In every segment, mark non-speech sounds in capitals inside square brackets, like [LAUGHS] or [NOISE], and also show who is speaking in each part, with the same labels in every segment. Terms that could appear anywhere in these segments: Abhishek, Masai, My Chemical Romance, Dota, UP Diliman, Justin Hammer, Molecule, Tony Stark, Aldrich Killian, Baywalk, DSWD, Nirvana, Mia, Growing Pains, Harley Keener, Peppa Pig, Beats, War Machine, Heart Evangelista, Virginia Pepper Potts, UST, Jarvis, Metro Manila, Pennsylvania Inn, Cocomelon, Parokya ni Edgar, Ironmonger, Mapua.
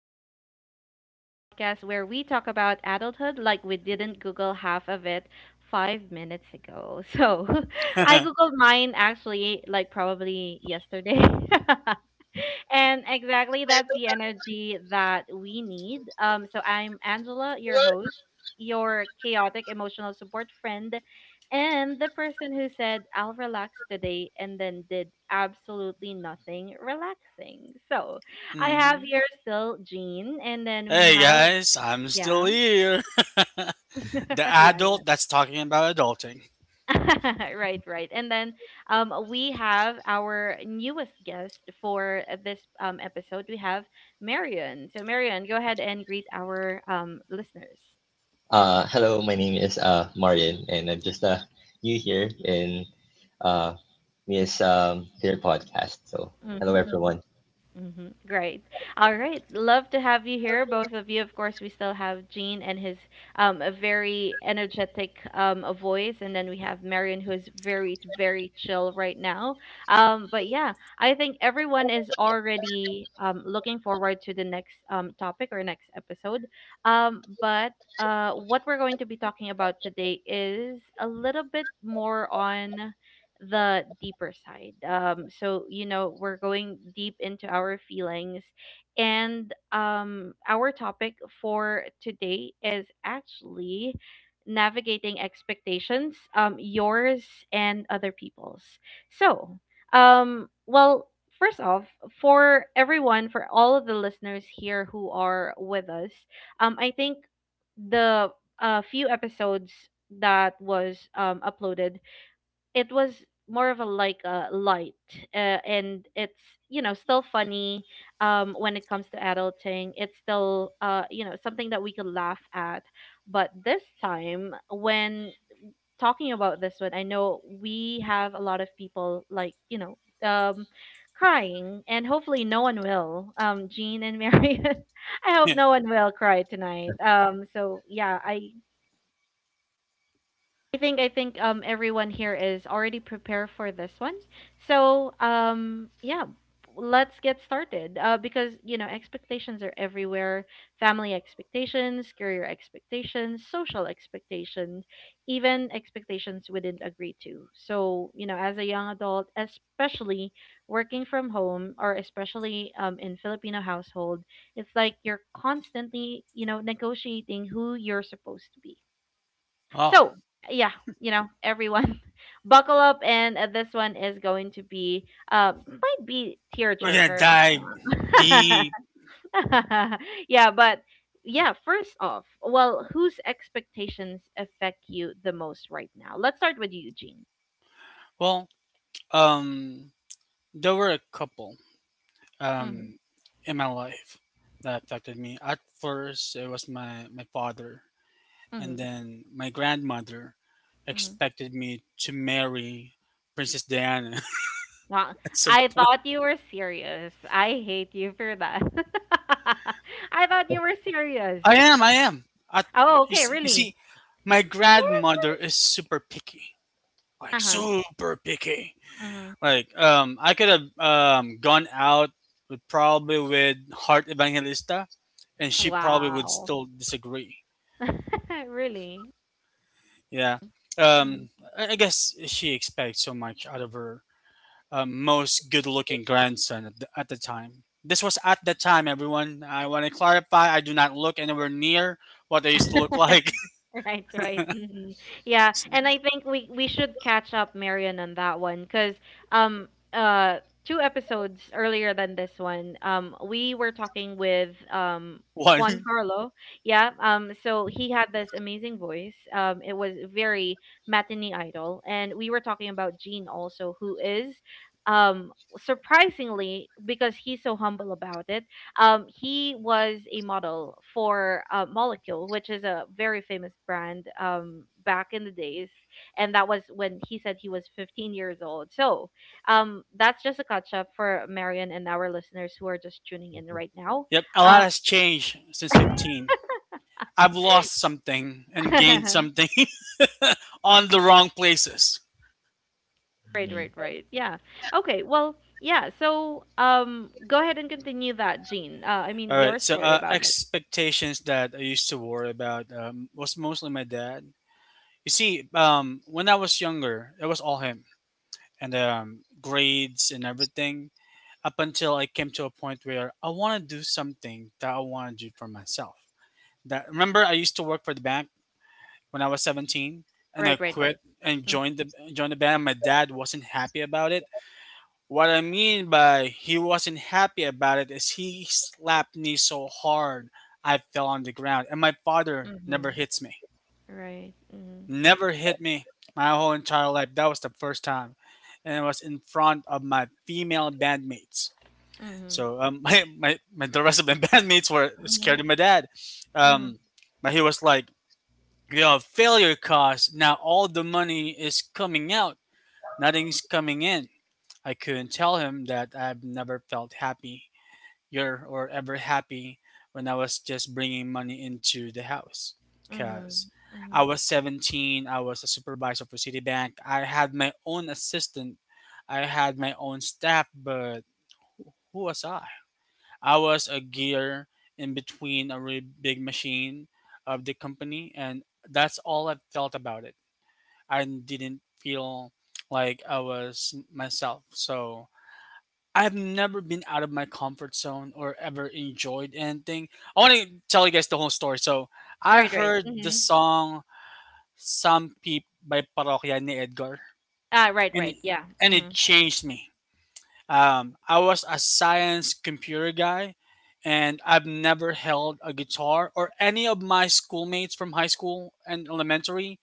Speaker 1: Growing Pains, the podcast where we talk about adulthood like we didn't Google half of it 5 minutes ago. So [LAUGHS] I Googled mine actually, like probably yesterday. [LAUGHS] And exactly that's the energy that we need. So I'm Angela, your host, your chaotic emotional support friend, and the person who said, I'll relax today and then did absolutely nothing relaxing. So I
Speaker 2: hmm
Speaker 1: have here still Jean, and then we
Speaker 2: Hey
Speaker 1: have,
Speaker 2: guys, I'm still
Speaker 1: yeah,
Speaker 2: here. [LAUGHS] The
Speaker 1: [LAUGHS] yeah, yeah.
Speaker 2: adult that's talking about adulting.
Speaker 1: [LAUGHS] Right, right. And then we have our newest guest for this episode. We have Marion. So, Marion, go ahead and greet our listeners.
Speaker 3: Hello, my name is Marian, and I'm just new here in uh, Mia's their podcast. So, hello, everyone.
Speaker 1: Mm-hmm. Great. All right. Love to have you here, both of you. Of course, we still have Gene and his a very energetic a voice, and then we have Marion, who is very, very chill right now. But yeah, I think everyone is already looking forward to the next topic or next episode. But what we're going to be talking about today is a little bit more on the deeper side. So you know we're going deep into our feelings, and our topic for today is actually navigating expectations, yours and other people's. So, um, well. First off, for everyone, for all of the listeners here who are with us, I think the few episodes that was uploaded it was more of a light uh, and it's you know still funny when it comes to adulting it's still you know something that we could laugh at. But this time when talking about this one, I know we have a lot of people like you know um crying, and hopefully no one will Jean and Marion [LAUGHS] I hope no
Speaker 2: [LAUGHS]
Speaker 1: one will cry tonight. So yeah, I think everyone here is already prepared for this one. So yeah, let's get started. Because you know expectations are everywhere: family expectations, career expectations, social expectations, even expectations we didn't agree to. So you know, as a young adult, especially working from home or especially in Filipino household, it's like you're constantly you know negotiating who you're supposed to be,
Speaker 2: Oh,
Speaker 1: so, yeah, you know, everyone, [LAUGHS] buckle up, and this one is going to be, might be
Speaker 2: we're gonna
Speaker 1: tearjerker.
Speaker 2: dive
Speaker 1: [LAUGHS]
Speaker 2: deep.
Speaker 1: Yeah, but yeah, first off, well, whose expectations affect you the most right now? Let's start with you, Eugene.
Speaker 2: Well, um, there were a couple
Speaker 1: Mhm.
Speaker 2: um in my life that affected me. At first, it was my father, and
Speaker 1: Mhm.
Speaker 2: then my grandmother
Speaker 1: Mhm.
Speaker 2: expected me to marry Princess Diana
Speaker 1: Wow,
Speaker 2: [LAUGHS] at some
Speaker 1: I
Speaker 2: point.
Speaker 1: thought you were serious. I hate you for that. [LAUGHS] I thought you were serious.
Speaker 2: I am, I am. At,
Speaker 1: Oh, okay,
Speaker 2: you
Speaker 1: really?
Speaker 2: see, my grandmother
Speaker 1: Seriously?
Speaker 2: is super picky, like
Speaker 1: Uh
Speaker 2: super picky.
Speaker 1: huh.
Speaker 2: I could have gone out with probably with Heart Evangelista, and she probably would
Speaker 1: Wow.
Speaker 2: still disagree.
Speaker 1: [LAUGHS] Really?
Speaker 2: Yeah,
Speaker 1: Mhm.
Speaker 2: um, I guess she expects so much out of her most good-looking grandson at at the time. This was at the time, everyone. I want to clarify. I do not look anywhere near what I used to look like.
Speaker 1: Right, right. Mhm. Yeah, and I
Speaker 2: [LAUGHS]
Speaker 1: think we should catch up Marion on that one, because two episodes earlier than this one we were talking with Juan
Speaker 2: One.
Speaker 1: Carlo. Yeah, so he had this amazing voice. It was very matinee idol, and we were talking about Gene also who is um surprisingly because he's so humble about it, he was a model for Molecule, which is a very famous brand back in the days. And that was when he said he was 15 years old. So that's just a catch up for Marion and our listeners who are just tuning in right now.
Speaker 2: Yep, a lot
Speaker 1: Uh,
Speaker 2: has changed since
Speaker 1: [LAUGHS]
Speaker 2: 15. I've lost something and gained
Speaker 1: right,
Speaker 2: something [LAUGHS] on the wrong places.
Speaker 3: Hmm.
Speaker 1: right, right. Yeah. Okay. Well, yeah. So go ahead and continue that, Jean. I
Speaker 2: All
Speaker 1: mean, your
Speaker 2: right, so
Speaker 1: story
Speaker 2: uh,
Speaker 1: about it.
Speaker 2: expectations that I used to worry about was mostly my dad. You see, when I was younger, it was all him and grades and everything up until I came to a point where I want to do something that I want to do for myself. That remember, I used to work for the bank when I was 17 and I
Speaker 1: Right, right,
Speaker 2: quit
Speaker 1: right.
Speaker 2: and
Speaker 1: Mm-hmm.
Speaker 2: joined the band. My dad wasn't happy about it. What I mean by he wasn't happy about it is he slapped me so hard I fell on the ground. And my father never
Speaker 1: Mm-hmm.
Speaker 2: hits me.
Speaker 1: Right. Mm-hmm.
Speaker 2: Never hit me my whole entire life. That was the first time. And it was in front of my female bandmates.
Speaker 1: Mm-hmm.
Speaker 2: So [LAUGHS] my the rest of my [LAUGHS] bandmates were scared
Speaker 1: Mm-hmm.
Speaker 2: of my dad.
Speaker 1: Mm-hmm.
Speaker 2: Um, but he was like, you know, failure cost. Now all the money is coming out. Nothing's coming in. I couldn't tell him that I've never felt happy year or ever happy when I was just bringing money into the house
Speaker 1: Mm-hmm.
Speaker 2: because
Speaker 1: Mm-hmm.
Speaker 2: I was 17. I was a supervisor for Citibank. I had my own assistant. I had my own staff, but who was I? I was a gear in between a really big machine of the company, and that's all I felt about it. I didn't feel like I was myself. So I've never been out of my comfort zone or ever enjoyed anything. I want to tell you guys the whole story. So I
Speaker 1: Right, right.
Speaker 2: heard the
Speaker 1: Mm-hmm.
Speaker 2: song "Some Peep" by Parokya ni Edgar,
Speaker 1: Ah, right,
Speaker 2: and
Speaker 1: right. Yeah.
Speaker 2: and it
Speaker 1: Mm-hmm.
Speaker 2: changed me. I was a science computer guy, and I've never held a guitar. Or any of my schoolmates from high school and elementary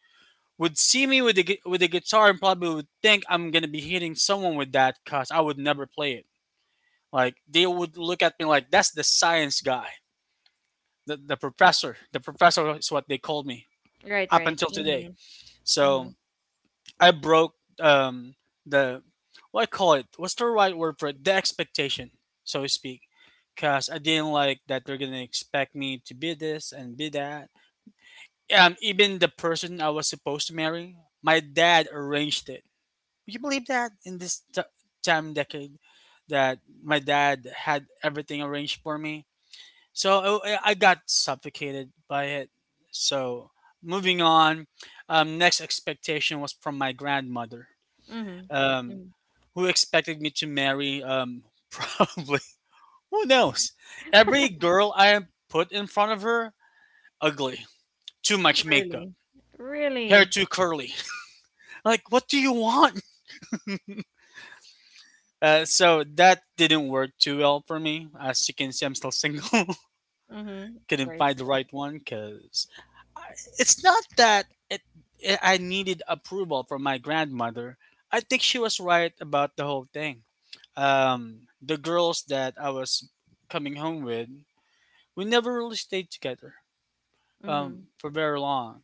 Speaker 2: would see me with a with a guitar and probably would think I'm gonna be hitting someone with that, cause I would never play it. Like they would look at me like that's the science guy, the professor. The professor is what they called me
Speaker 1: Right,
Speaker 2: up
Speaker 1: right.
Speaker 2: until today.
Speaker 1: Mm-hmm. Mm-hmm.
Speaker 2: So I broke the what I call it. What's the right word for it? The expectation, so to speak. Cause I didn't like that they're gonna expect me to be this and be that. Even the person I was supposed to marry, my dad arranged it. Would you believe that in this time decade that my dad had everything arranged for me? So I got suffocated by it. So moving on, next expectation was from my grandmother,
Speaker 1: Mm-hmm.
Speaker 2: um,
Speaker 1: Mm-hmm.
Speaker 2: who expected me to marry. [LAUGHS] Probably who knows? Every girl I put in front of her, ugly, too much makeup,
Speaker 1: Really?
Speaker 2: hair
Speaker 1: Really?
Speaker 2: too curly. [LAUGHS] Like, what do you want? So that didn't work too well for me. As you can see, I'm still single. [LAUGHS]
Speaker 1: Mm-hmm.
Speaker 2: Couldn't
Speaker 1: Right.
Speaker 2: find the right one because it's not that I needed approval from my grandmother. I think she was right about the whole thing. The girls that I was coming home with, we never really stayed together
Speaker 1: Mm-hmm.
Speaker 2: for very long.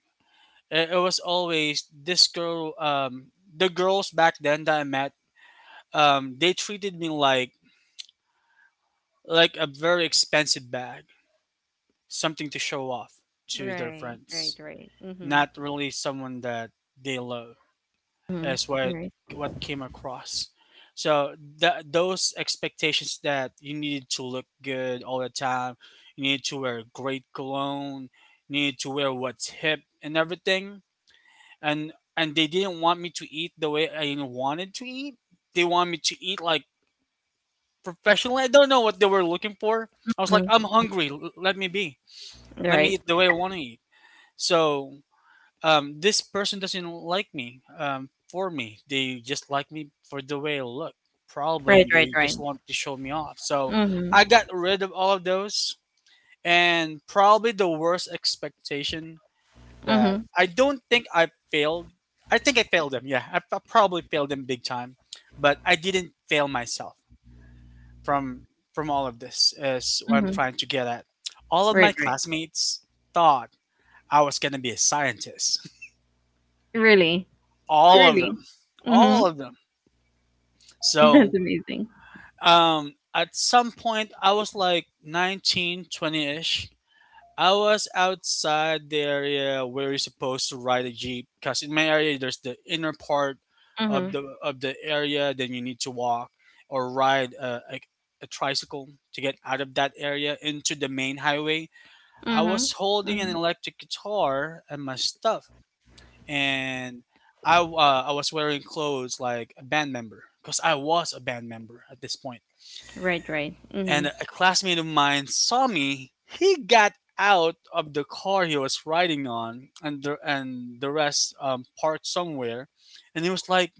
Speaker 2: It was always this girl, the girls back then that I met, they treated me like a very expensive bag, something to show off to their
Speaker 1: Right, right,
Speaker 2: friends,
Speaker 1: right. Mm-hmm.
Speaker 2: not really someone that they love
Speaker 1: Mm-hmm.
Speaker 2: is what
Speaker 1: Right.
Speaker 2: came across. So that those expectations that you need to look good all the time, you need to wear great cologne, you need to wear what's hip and everything. And they didn't want me to eat the way I wanted to eat. They want me to eat like professionally. I don't know what they were looking for. I was like,
Speaker 1: Mm-hmm.
Speaker 2: I'm hungry. Let me be, let me
Speaker 1: Right.
Speaker 2: eat the way I want to eat. So this person doesn't like me for me. They just like me for the way I look, probably,
Speaker 1: Right,
Speaker 2: and
Speaker 1: right,
Speaker 2: they
Speaker 1: right.
Speaker 2: just want to show me off. So
Speaker 1: Mm-hmm.
Speaker 2: I got rid of all of those. And probably the worst expectation
Speaker 1: Mm-hmm.
Speaker 2: that I don't think I failed. I think I failed them. Yeah, probably failed them big time, but I didn't fail myself from from all of this. Is what I'm
Speaker 1: Mm-hmm.
Speaker 2: trying to get at. All of
Speaker 1: Right,
Speaker 2: my
Speaker 1: right.
Speaker 2: classmates thought I was gonna be a scientist. [LAUGHS]
Speaker 1: Really?
Speaker 2: all of
Speaker 1: Really?
Speaker 2: them
Speaker 1: Mm-hmm.
Speaker 2: all of them.
Speaker 1: [LAUGHS]
Speaker 2: so
Speaker 1: That's amazing.
Speaker 2: um at some point I was like 19, ish. I was outside the area where you're supposed to ride a jeep because in my area there's the inner part
Speaker 1: Mm-hmm.
Speaker 2: of the area. Then you need to walk or ride a tricycle to get out of that area into the main highway. I
Speaker 1: Mm-hmm.
Speaker 2: was holding an
Speaker 1: Mm-hmm.
Speaker 2: electric guitar and my stuff, and I was wearing clothes like a band member because I was a band member at this point.
Speaker 1: Right, right. Mm-hmm.
Speaker 2: And a classmate of mine saw me. He got out of the car he was riding on, and the rest parked somewhere. And he was like,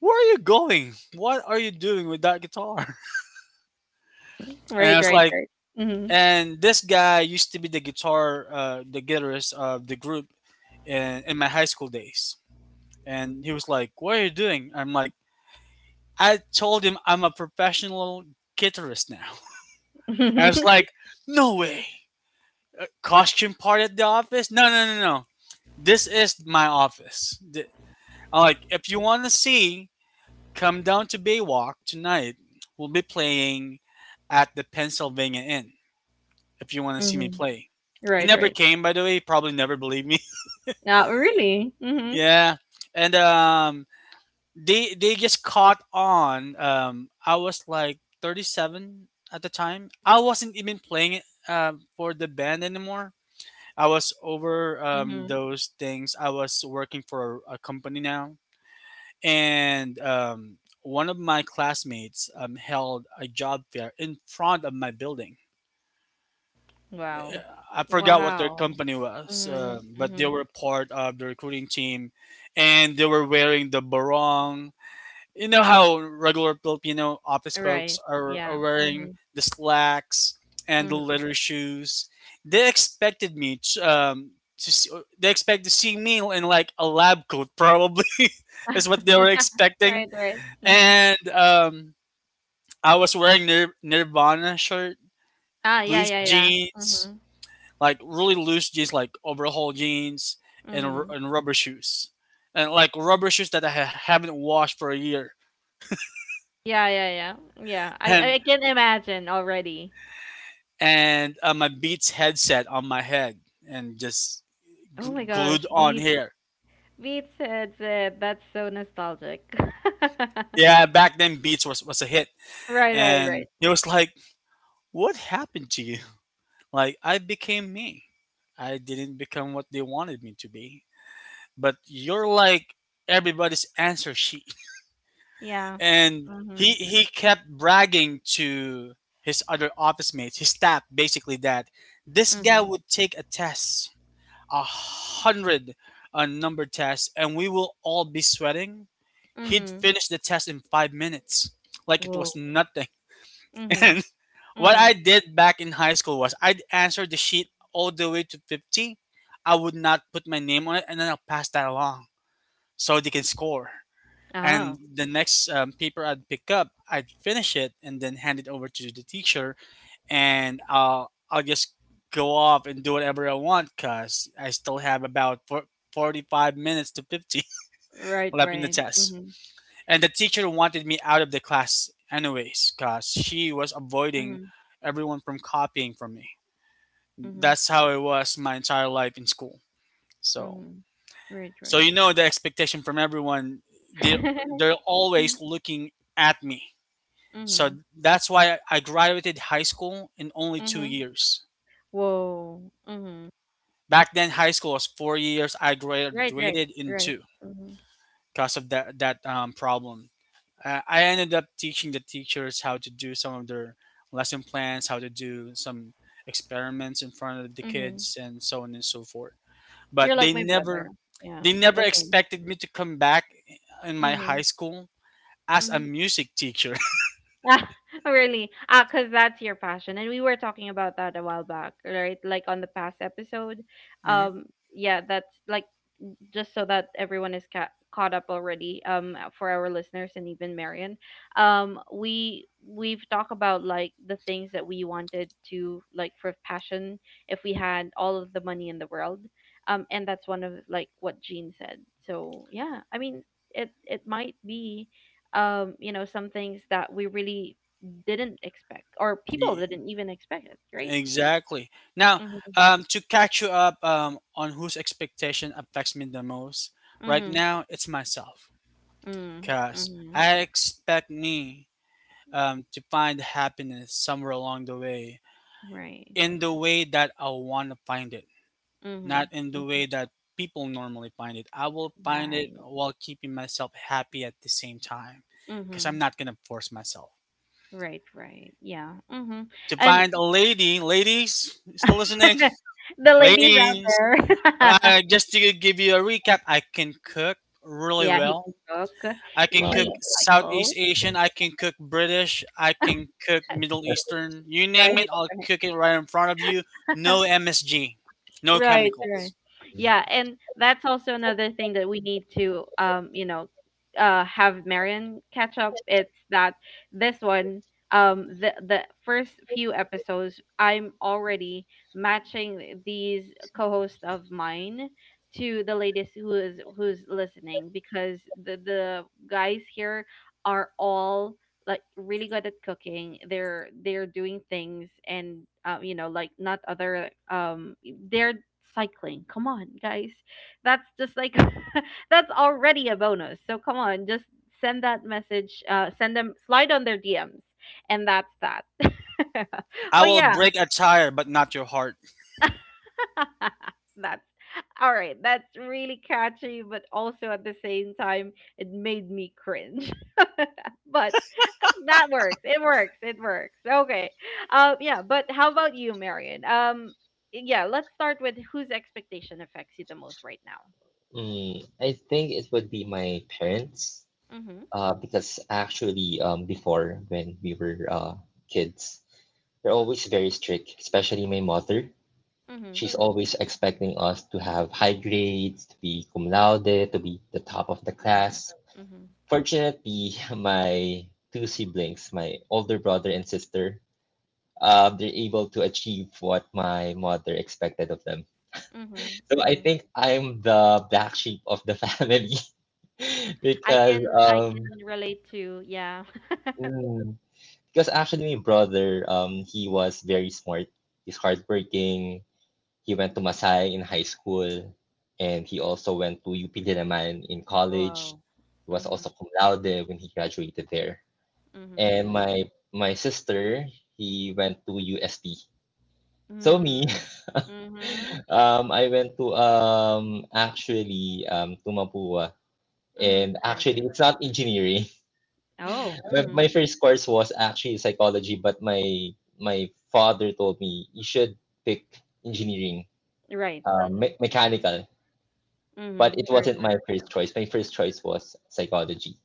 Speaker 2: "Where are you going? What are you doing with that guitar?" [LAUGHS] And I
Speaker 1: Right,
Speaker 2: was
Speaker 1: right,
Speaker 2: like,
Speaker 1: right.
Speaker 2: "And this guy used to be the the guitarist of the group in my high school days." And he was like, "What are you doing?" I'm like, I told him I'm a professional guitarist now. And I
Speaker 1: Mm-hmm.
Speaker 2: was
Speaker 1: [LAUGHS]
Speaker 2: like, no way. Costume party at the office? No, no, no, no. This is my office. I'm like, if you want to see, come down to Baywalk tonight. We'll be playing at the Pennsylvania Inn if you want to see me
Speaker 1: Mm-hmm.
Speaker 2: play. He
Speaker 1: Right,
Speaker 2: never
Speaker 1: right.
Speaker 2: came, by the way. He probably never believed me.
Speaker 1: Yeah, really?
Speaker 2: [LAUGHS]
Speaker 1: Mm-hmm.
Speaker 2: Yeah. And they just caught on. I was like 37 at the time. I wasn't even playing it for the band anymore. I was over
Speaker 1: Mm-hmm.
Speaker 2: those things. I was working for a company now, and one of my classmates held a job fair in front of my building.
Speaker 1: Wow.
Speaker 2: I forgot what their
Speaker 1: Wow.
Speaker 2: company was,
Speaker 1: Mm-hmm.
Speaker 2: but they
Speaker 1: Mm-hmm.
Speaker 2: were part of the recruiting team, and they were wearing the barong. You know how regular Filipino office folks
Speaker 1: Right.
Speaker 2: are
Speaker 1: Yeah.
Speaker 2: wearing
Speaker 1: Mm-hmm.
Speaker 2: the slacks and the
Speaker 1: Mm-hmm.
Speaker 2: leather shoes. They expected me to, to see, they expect to see me in like a lab coat probably, [LAUGHS] is
Speaker 1: [LAUGHS]
Speaker 2: what they were expecting.
Speaker 1: Right, right. Mm-hmm.
Speaker 2: And I was wearing Nirvana shirt,
Speaker 1: Ah, yeah,
Speaker 2: loose
Speaker 1: yeah, yeah.
Speaker 2: jeans,
Speaker 1: Mm-hmm.
Speaker 2: like really loose jeans, like overhaul jeans and,
Speaker 1: Mm-hmm.
Speaker 2: and rubber shoes, and like rubber shoes that I haven't washed for a year.
Speaker 1: Yeah, yeah, yeah. Yeah. I I
Speaker 2: And
Speaker 1: I can imagine already.
Speaker 2: my Beats headset on my head and just
Speaker 1: Oh my
Speaker 2: glued
Speaker 1: gosh,
Speaker 2: on
Speaker 1: Beats
Speaker 2: here.
Speaker 1: Beats headset. That's so nostalgic. [LAUGHS]
Speaker 2: Yeah, back then Beats was a hit.
Speaker 1: Right, right, right.
Speaker 2: And it was like, what happened to you? [LAUGHS] Like, I became me. I didn't become what they wanted me to be. But you're like everybody's answer sheet.
Speaker 1: Yeah.
Speaker 2: [LAUGHS] And
Speaker 1: Mm-hmm.
Speaker 2: he kept bragging to his other office mates, his staff, basically, that this guy
Speaker 1: Mm-hmm.
Speaker 2: would take a test, a hundred number tests, and we will all be sweating. He'd
Speaker 1: Mm-hmm.
Speaker 2: finish the test in 5 minutes, like it was
Speaker 1: Whoa.
Speaker 2: nothing. [LAUGHS]
Speaker 1: Mm-hmm.
Speaker 2: And what
Speaker 1: Mm-hmm.
Speaker 2: I did back in high school was I'd answer the sheet all the way to 50. I would not put my name on it, and then I'll pass that along so they can score. And
Speaker 1: Ah.
Speaker 2: the next paper I'd pick up, I'd finish it and then hand it over to the teacher, and I'll just go off and do whatever I want because I still have about 45 minutes to 50 [LAUGHS]
Speaker 1: Right,
Speaker 2: left in the
Speaker 1: right.
Speaker 2: test.
Speaker 1: Mm-hmm.
Speaker 2: And the teacher wanted me out of the class anyways because she was avoiding
Speaker 1: Mm-hmm.
Speaker 2: everyone from copying from me.
Speaker 1: Mhm.
Speaker 2: That's how it was my entire life in school. So
Speaker 1: Mhm. Right,
Speaker 2: so
Speaker 1: right.
Speaker 2: you know the expectation from everyone, they
Speaker 1: [LAUGHS]
Speaker 2: they're
Speaker 1: Mhm.
Speaker 2: always looking at me. So
Speaker 1: Mhm.
Speaker 2: that's why I graduated high school in only 2
Speaker 1: Mhm.
Speaker 2: years.
Speaker 1: Whoa. Mhm.
Speaker 2: Back then, high school was 4 years. I
Speaker 1: Right, right,
Speaker 2: graduated in
Speaker 1: right.
Speaker 2: two
Speaker 1: Mhm.
Speaker 2: because of that problem. I ended up teaching the teachers how to do some of their lesson plans, how to do some experiments in front of the
Speaker 1: Mhm.
Speaker 2: kids, and so on and so forth. But
Speaker 1: You're
Speaker 2: they
Speaker 1: like my brother.
Speaker 2: never
Speaker 1: Yeah,
Speaker 2: they never
Speaker 1: the same.
Speaker 2: expected me to come back in my
Speaker 1: Mhm.
Speaker 2: high school as a
Speaker 1: Mhm.
Speaker 2: music teacher.
Speaker 1: [LAUGHS] Ah, really? Ah, cause that's your passion, and we were talking about that a while back, right? Like on the past episode.
Speaker 2: [LAUGHS] hmm
Speaker 1: Um. Yeah, that's like just so that everyone is caught up already for our listeners and even Marion. We've talked about like the things that we wanted to like for passion if we had all of the money in the world. And that's one of like what Jean said. So yeah, I mean it might be you know some things that we really didn't expect or people didn't even expect it, right? Yeah.
Speaker 2: Exactly. Now,
Speaker 1: Mm.
Speaker 2: to catch you up on whose expectation affects me the most, right
Speaker 1: Mhm.
Speaker 2: now it's myself.
Speaker 1: Mm. Mhm. Mm.
Speaker 2: Because
Speaker 1: Mhm.
Speaker 2: I expect me to find happiness somewhere along the way
Speaker 1: Right.
Speaker 2: in the way that I want to find it,
Speaker 1: Mm-hmm.
Speaker 2: not in the
Speaker 1: Mhm.
Speaker 2: way that people normally find it. I will find it
Speaker 1: Right.
Speaker 2: while keeping myself happy at the same time because
Speaker 1: Mm-hmm.
Speaker 2: I'm not going to force myself.
Speaker 1: Right, right. Yeah. Mm-hmm.
Speaker 2: To
Speaker 1: And
Speaker 2: find a lady, ladies, you still listening?
Speaker 1: [LAUGHS] the
Speaker 2: [LAUGHS]
Speaker 1: ladies out
Speaker 2: Ladies.
Speaker 1: there. [LAUGHS]
Speaker 2: Just to give you a recap, I can cook really
Speaker 1: Yeah, he can
Speaker 2: well.
Speaker 1: cook.
Speaker 2: I can
Speaker 3: Well,
Speaker 2: cook
Speaker 1: He
Speaker 2: Southeast
Speaker 1: cycle.
Speaker 2: Asian, I can cook British, I can cook
Speaker 1: [LAUGHS]
Speaker 2: Middle Eastern. You name it,
Speaker 1: Right,
Speaker 2: I'll
Speaker 1: right.
Speaker 2: cook it right in front of you. No
Speaker 1: [LAUGHS]
Speaker 2: MSG, no
Speaker 1: Right, right.
Speaker 2: chemicals.
Speaker 1: Yeah, and that's also another thing that we need to, have Marion catch up. It's that this one, the first few episodes, I'm already matching these co-hosts of mine to the latest who's listening, because the guys here are all like really good at cooking, they're doing things, and you know, like not other they're cycling. Come on, guys, that's just like [LAUGHS] that's already a bonus. So come on, just send that message. Send them, slide on their DMs, and that's that. [LAUGHS]
Speaker 2: I
Speaker 1: But
Speaker 2: will
Speaker 1: yeah,
Speaker 2: break a tire, but not your heart.
Speaker 1: [LAUGHS] that's all right, that's really catchy, but also at the same time it made me cringe. [LAUGHS] But that works. It works. It works. Okay. Yeah, but how about you, Marion? Yeah, let's start with whose expectation affects you the most right now.
Speaker 3: I think it would be my parents
Speaker 1: Mm-hmm.
Speaker 3: because actually, before when we were kids, they're always very strict, especially my mother.
Speaker 1: Mm-hmm.
Speaker 3: She's always expecting us to have high grades, to be cum laude, to be the top of the
Speaker 1: Right.
Speaker 3: class.
Speaker 1: Mm-hmm.
Speaker 3: Fortunately, [LAUGHS] my two siblings, my older brother and sister, they're able to achieve what my mother expected of them.
Speaker 1: Mm-hmm.
Speaker 3: So I
Speaker 1: Mm-hmm.
Speaker 3: think I'm the black sheep of the [LAUGHS] family [LAUGHS]
Speaker 1: I
Speaker 3: because
Speaker 1: can I
Speaker 3: um,
Speaker 1: can relate to, yeah. [LAUGHS]
Speaker 3: mm, because actually my brother he was very smart. He's hardworking. He went to Masai in high school, and he also went to UP Diliman in college.
Speaker 1: Wow.
Speaker 3: He was
Speaker 1: Mm-hmm.
Speaker 3: also cum laude when he graduated there. And
Speaker 1: Mm-hmm.
Speaker 3: my sister he went to UST. So me,
Speaker 1: Mm-hmm.
Speaker 3: [LAUGHS]
Speaker 1: Mm-hmm.
Speaker 3: I went to actually to Mapua.
Speaker 1: Mm-hmm.
Speaker 3: And
Speaker 1: Right,
Speaker 3: actually,
Speaker 1: right.
Speaker 3: it's not engineering.
Speaker 1: Oh,
Speaker 3: [LAUGHS] My,
Speaker 1: mm-hmm.
Speaker 3: my first course was actually psychology, but my father told me you should pick engineering,
Speaker 1: Right. Mm-hmm.
Speaker 3: mechanical. But
Speaker 1: Mm-hmm.
Speaker 3: it
Speaker 1: Right,
Speaker 3: wasn't my
Speaker 1: right.
Speaker 3: first choice. My first choice was psychology.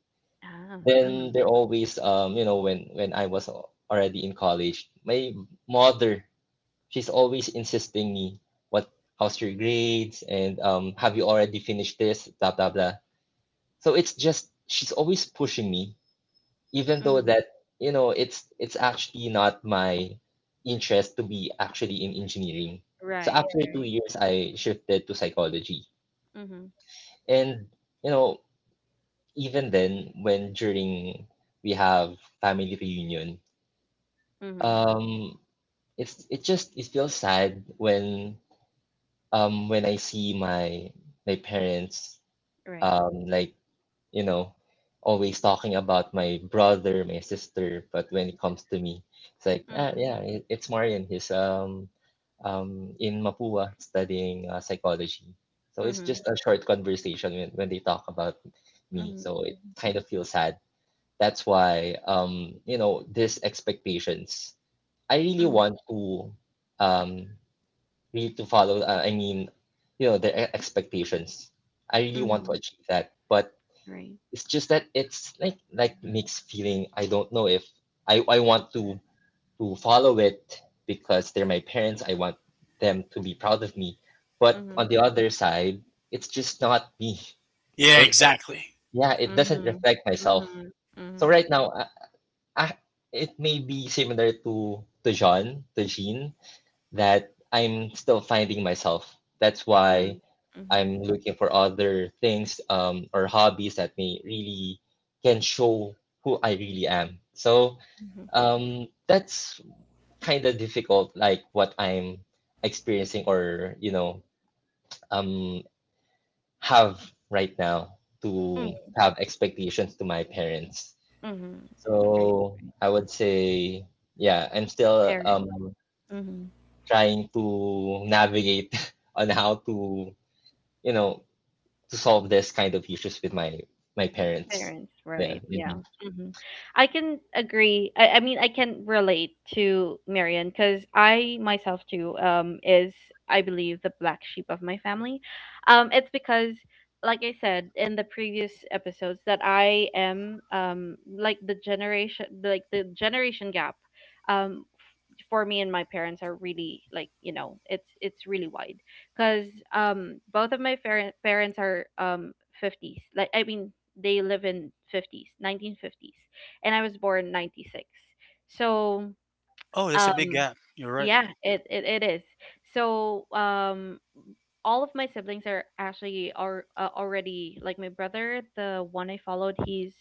Speaker 1: Ah,
Speaker 3: Then
Speaker 1: mm-hmm.
Speaker 3: there always when I was already in college, my mother she's always insisting me what how's your grades, and have you already finished this, blah blah blah, so it's just she's always pushing me, even though
Speaker 1: Mm-hmm.
Speaker 3: that it's actually not my interest to be actually in engineering. So
Speaker 1: Right,
Speaker 3: after two
Speaker 1: right.
Speaker 3: years I shifted to psychology.
Speaker 1: Mm-hmm.
Speaker 3: And you know even then, when during we have family reunion,
Speaker 1: Mm-hmm.
Speaker 3: um it's it just it feels sad when, when I see my parents,
Speaker 1: Right.
Speaker 3: like, you know always talking about my brother, my sister, but when it comes to me, it's like, "Ah,
Speaker 1: Mhm,
Speaker 3: yeah, it's Marian, he's in Mapua studying psychology." So it's
Speaker 1: mhm,
Speaker 3: just a short conversation when they talk about me,
Speaker 1: mhm,
Speaker 3: so it kind of feels sad. That's why, these expectations, I really
Speaker 1: mhm,
Speaker 3: want to, um we need to follow, I mean, you know, their expectations. I really want to
Speaker 1: mhm,
Speaker 3: achieve that, but
Speaker 1: right.
Speaker 3: it's just that it's like, mixed feeling. I don't know if I want to follow it, because they're my parents, I want them to be proud of me, but
Speaker 1: Mhm,
Speaker 3: on the other side, it's just not me.
Speaker 2: Yeah,
Speaker 3: It
Speaker 2: exactly.
Speaker 3: Yeah, it doesn't
Speaker 1: mhm,
Speaker 3: reflect myself.
Speaker 1: mhm,
Speaker 3: So
Speaker 1: mhm,
Speaker 3: right now, I it may be similar to John, to Jean, that I'm still finding myself. That's why
Speaker 1: mhm, mhm,
Speaker 3: I'm looking for other things, or hobbies that may really can show who I really am. So,
Speaker 1: mhm,
Speaker 3: that's kind of difficult, like what I'm experiencing, or um, have right now, to
Speaker 1: mhm,
Speaker 3: have expectations to my parents.
Speaker 1: mhm, right.
Speaker 3: So I would say, yeah, I'm still
Speaker 1: Parents. Mhm.
Speaker 3: trying to navigate [LAUGHS] on how to, you know to solve this kind of issues with my parents.
Speaker 1: Parents,
Speaker 3: Yeah.
Speaker 1: right? Yeah.
Speaker 3: Mhm.
Speaker 1: Hmm. I can agree. I mean, I can relate to Marian because I myself too is I believe the black sheep of my family. It's because like I said in the previous episodes that I am like the generation gap um for me and my parents are really like you know it's really wide, because both of my parents are 50s, like I mean they live in 50s, 1950s, and I was born 96. So
Speaker 2: Oh, that's a big
Speaker 1: um
Speaker 2: gap. You're right.
Speaker 1: yeah, it is. So all of my siblings are actually are already, like my brother, the one I followed, he's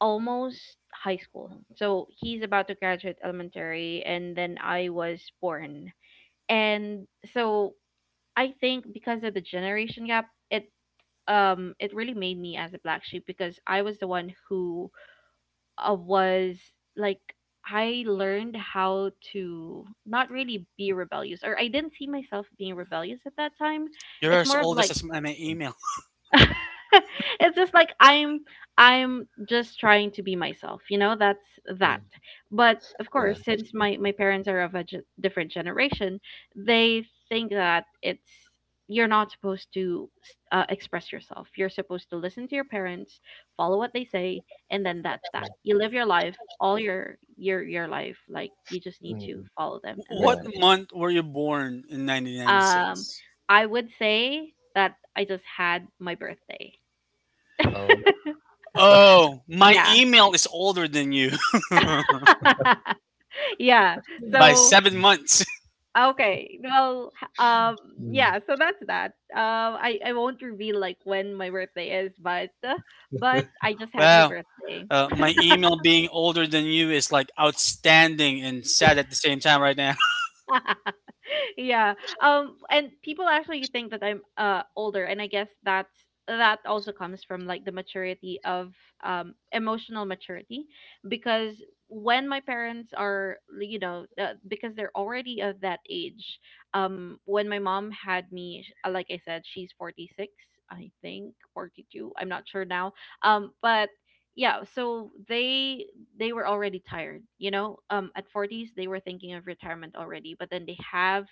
Speaker 1: almost high school, so he's about to graduate elementary, and then I was born. And so I think because of the generation gap, it really made me as a black sheep because I was the one who was like, I learned how to not really be rebellious, or I didn't see myself being rebellious at that time.
Speaker 2: You're
Speaker 1: It's
Speaker 2: as
Speaker 1: more of
Speaker 2: old
Speaker 1: like
Speaker 2: as my email.
Speaker 1: [LAUGHS] it's just like I'm just trying to be myself, that's that.
Speaker 3: Mm.
Speaker 1: But of course,
Speaker 3: Yeah.
Speaker 1: since my parents are of a different generation, they think that it's you're not supposed to express yourself. You're supposed to listen to your parents, follow what they say, and then that's that. You live your life, all your life, like you just need to
Speaker 3: Mm,
Speaker 1: follow them
Speaker 2: [LAUGHS]
Speaker 1: and
Speaker 2: What
Speaker 3: yeah.
Speaker 1: listen to
Speaker 2: month were you born in
Speaker 1: them.
Speaker 2: 1996?
Speaker 1: I would say that I just had my birthday.
Speaker 3: Oh.
Speaker 1: [LAUGHS]
Speaker 2: Oh, my
Speaker 1: Yeah.
Speaker 2: email is older than you
Speaker 1: [LAUGHS] Yeah.
Speaker 2: [LAUGHS] by
Speaker 1: So,
Speaker 2: 7 months.
Speaker 1: okay. Well, yeah,
Speaker 3: Mm.
Speaker 1: so that's that. I won't reveal like when my birthday is, but I just had my
Speaker 2: Wow.
Speaker 1: birthday.
Speaker 2: My email being older than you is like outstanding and sad at the same time right now.
Speaker 1: [LAUGHS] Yeah. And people actually think that I'm older, and I guess that's that also comes from like the maturity of emotional maturity. Because when my parents are you know, because they're already of that age, when my mom had me like I said, she's 46, I think 42, I'm not sure now. But yeah, so they were already tired, you know, at 40s they were thinking of retirement already, but then they have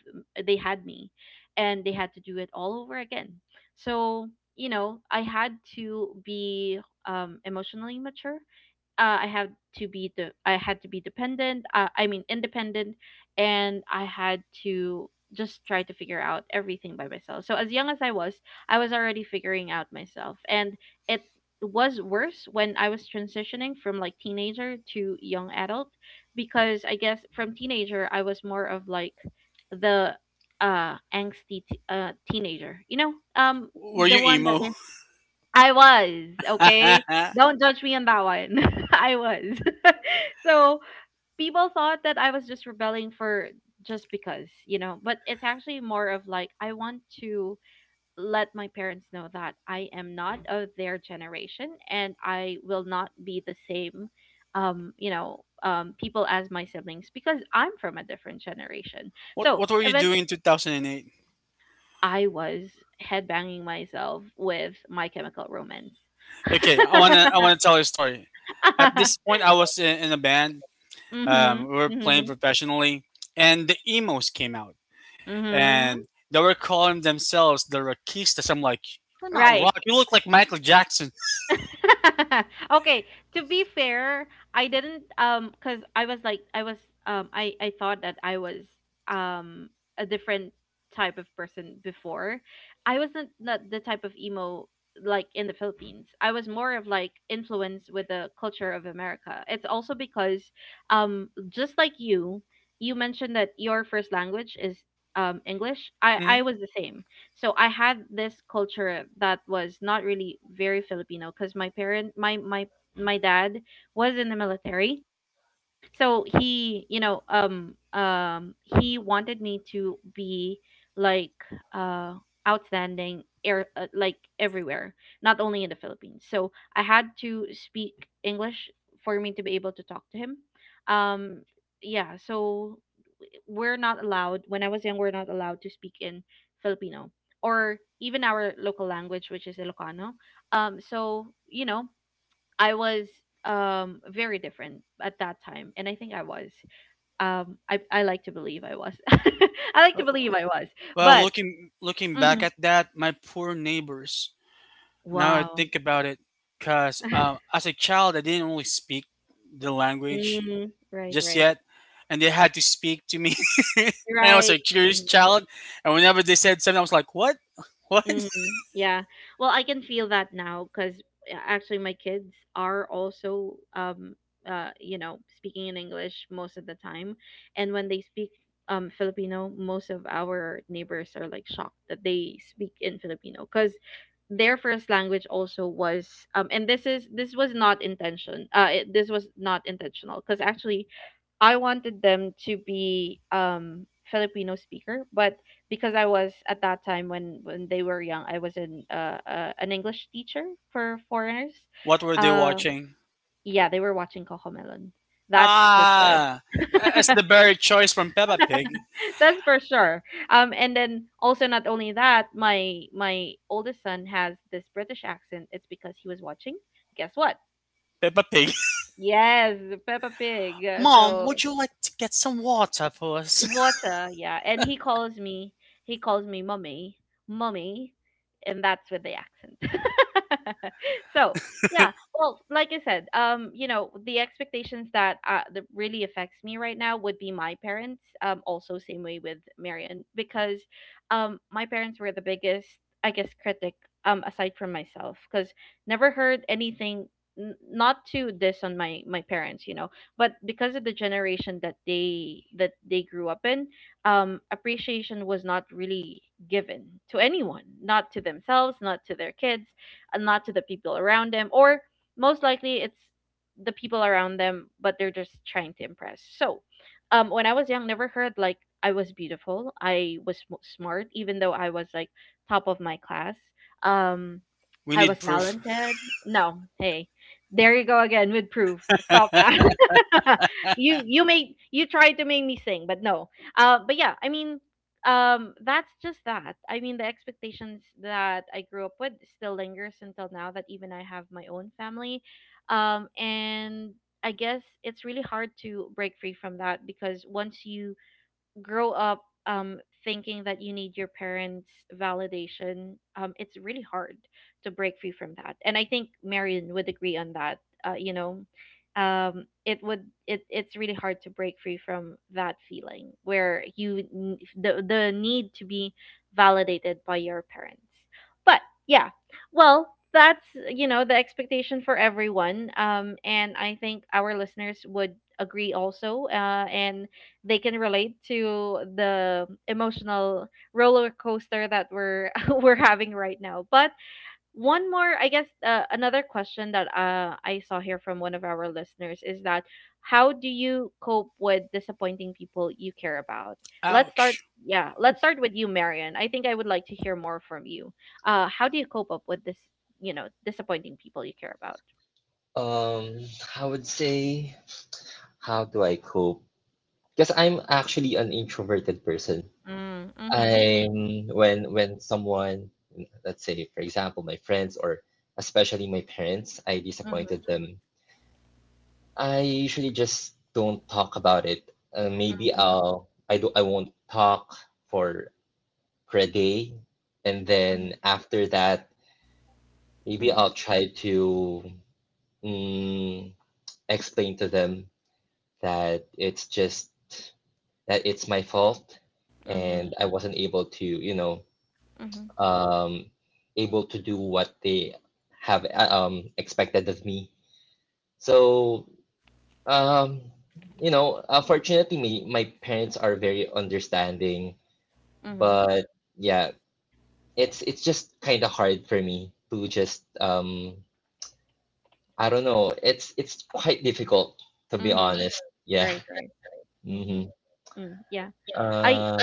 Speaker 1: they had me, and they had to do it all over again. So you know, I had to be emotionally mature. I had to be the I had to be dependent. I mean independent, and I had to just try to figure out everything by myself. So as young as I was already figuring out myself, and it was worse when I was transitioning from like teenager to young adult, because I guess from teenager I was more of like the angsty teenager,
Speaker 2: [LAUGHS] Were
Speaker 1: the
Speaker 2: you
Speaker 1: one
Speaker 2: emo?
Speaker 1: that I was, okay?
Speaker 2: [LAUGHS]
Speaker 1: Don't judge me on that one. [LAUGHS] I was. [LAUGHS] So people thought that I was just rebelling for just because, you know, but it's actually more of like I want to let my parents know that I am not of their generation and I will not be the same people as my siblings because I'm from a different generation.
Speaker 2: what
Speaker 1: So,
Speaker 2: What were you doing
Speaker 1: eventually
Speaker 2: in 2008?
Speaker 1: I was headbanging myself with My Chemical Romance.
Speaker 2: Okay, I wanna tell you a story. At this
Speaker 1: [LAUGHS]
Speaker 2: point, I was in a band.
Speaker 1: Mhm.
Speaker 2: We were playing
Speaker 1: Mhm.
Speaker 2: professionally, and the emos came out,
Speaker 1: Mhm.
Speaker 2: and they were calling themselves the Rockistas. I'm like, you're not
Speaker 1: Right.
Speaker 2: rock. You look like Michael Jackson.
Speaker 1: [LAUGHS] Okay, to be fair, I didn't cause I was like I was I thought that I was um a different type of person before. I wasn't not the type of emo like in the Philippines. I was more of like influenced with the culture of America. It's also because just like you mentioned that your first language is English. I
Speaker 2: [LAUGHS]
Speaker 1: I
Speaker 2: hmm
Speaker 1: was the same. So I had this culture that was not really very Filipino because my parent my my my dad was in the military. So he, you know, he wanted me to be like uh outstanding air like everywhere, not only in the Philippines. So I had to speak English for me to be able to talk to him. Um yeah, so we're not allowed when I was young we're not allowed to speak in Filipino or even our local language, which is Ilocano. So you know, I was very different at that time, and I think I was I like to believe I was [LAUGHS] I like to believe I was
Speaker 2: Well,
Speaker 1: but
Speaker 2: looking back
Speaker 1: mhm.
Speaker 2: at that, my poor neighbors. Now I
Speaker 1: Wow.
Speaker 2: think about it, because
Speaker 1: [LAUGHS]
Speaker 2: as a child, I didn't really speak the language
Speaker 1: Mm, right,
Speaker 2: just
Speaker 1: right,
Speaker 2: yet, and they had to speak to me. [LAUGHS] And I was
Speaker 1: right.
Speaker 2: a curious
Speaker 1: Mm-hmm.
Speaker 2: child, and whenever they said something, I was like, "What? [LAUGHS] What?
Speaker 1: Mm-hmm. Yeah. Well, I can feel that now because actually my kids are also you know speaking in English most of the time, and when they speak Filipino, most of our neighbors are like shocked that they speak in Filipino because their first language also was and this is this was not this was not intentional because actually I wanted them to be Filipino speaker, but because I was at that time when they were young, I was an English teacher for foreigners.
Speaker 2: What were they
Speaker 1: Uh,
Speaker 2: watching?"
Speaker 1: yeah, they were watching Cocomelon. That's for sure.
Speaker 2: Ah, that's
Speaker 1: [LAUGHS]
Speaker 2: the very choice from Peppa Pig.
Speaker 1: That's for sure. And then also not only that, my oldest son has this British accent. It's because he was watching. Guess what?
Speaker 2: Peppa Pig. [LAUGHS]
Speaker 1: Yes, Peppa Pig.
Speaker 2: Mom, would you like to get some water for us?
Speaker 1: Water, yeah. And he calls me mummy, mummy, and that's with the accent. [LAUGHS] So yeah, well, like I said, you know, the expectations that that really affects me right now would be my parents. Also same way with Marion because, my parents were the biggest, I guess, critic. Aside from myself, because never heard anything. Not to diss on my parents, you know, but because of the generation that they grew up in, appreciation was not really given to anyone, not to themselves, not to their kids, and not to the people around them, or most likely it's the people around them, but they're just trying to impress. So when I was young, never heard like I was beautiful, I was smart, even though I was like top of my class. um
Speaker 2: [LAUGHS] We
Speaker 1: I was
Speaker 2: need proof.
Speaker 1: talented. No, hey, there you go again with proof. Stop that. [LAUGHS] You tried to make me sing, but no. But yeah, I mean, that's just that. I mean, the expectations that I grew up with still lingers until now. That even I have my own family, and I guess it's really hard to break free from that because once you grow up thinking that you need your parents validation, it's really hard to break free from that. And I think Marion would agree on that. You know, it would it it's really hard to break free from that feeling where you n- the need to be validated by your parents. But yeah, well, that's you know the expectation for everyone. And I think our listeners would agree also. And they can relate to the emotional roller coaster that we're [LAUGHS] we're having right now. But one more, I guess, another question that I saw here from one of our listeners is that how do you cope with disappointing people you care about? Let's start.
Speaker 2: Ouch.
Speaker 1: Yeah, let's start with you, Marian. I think I would like to hear more from you. How do you cope up with this? You know, disappointing people you care about.
Speaker 3: Um, I would say, how do I cope? Because I'm actually an introverted person.
Speaker 1: Mm, mhm,
Speaker 3: I'm when someone, let's say, for example, my friends or especially my parents, I
Speaker 1: mhm,
Speaker 3: disappointed them. I usually just don't talk about it. Maybe
Speaker 1: mhm,
Speaker 3: I'll I do I won't talk for reggae, and
Speaker 1: mhm,
Speaker 3: then after that, maybe I'll
Speaker 1: mhm,
Speaker 3: try to, mm, explain to them that it's just that it's my fault,
Speaker 1: mhm,
Speaker 3: and I wasn't able to,
Speaker 1: mhm,
Speaker 3: um, able to do what they have, expected of me. So, um, fortunately, my parents are very understanding,
Speaker 1: mhm.
Speaker 3: but yeah, it's just kind of hard for me to just, I don't know. It's quite difficult, to be
Speaker 1: Mhm.
Speaker 3: honest. Yeah.
Speaker 1: Right, right. Mhm.
Speaker 3: Hmm.
Speaker 1: Mm, yeah.
Speaker 3: Yeah.
Speaker 1: I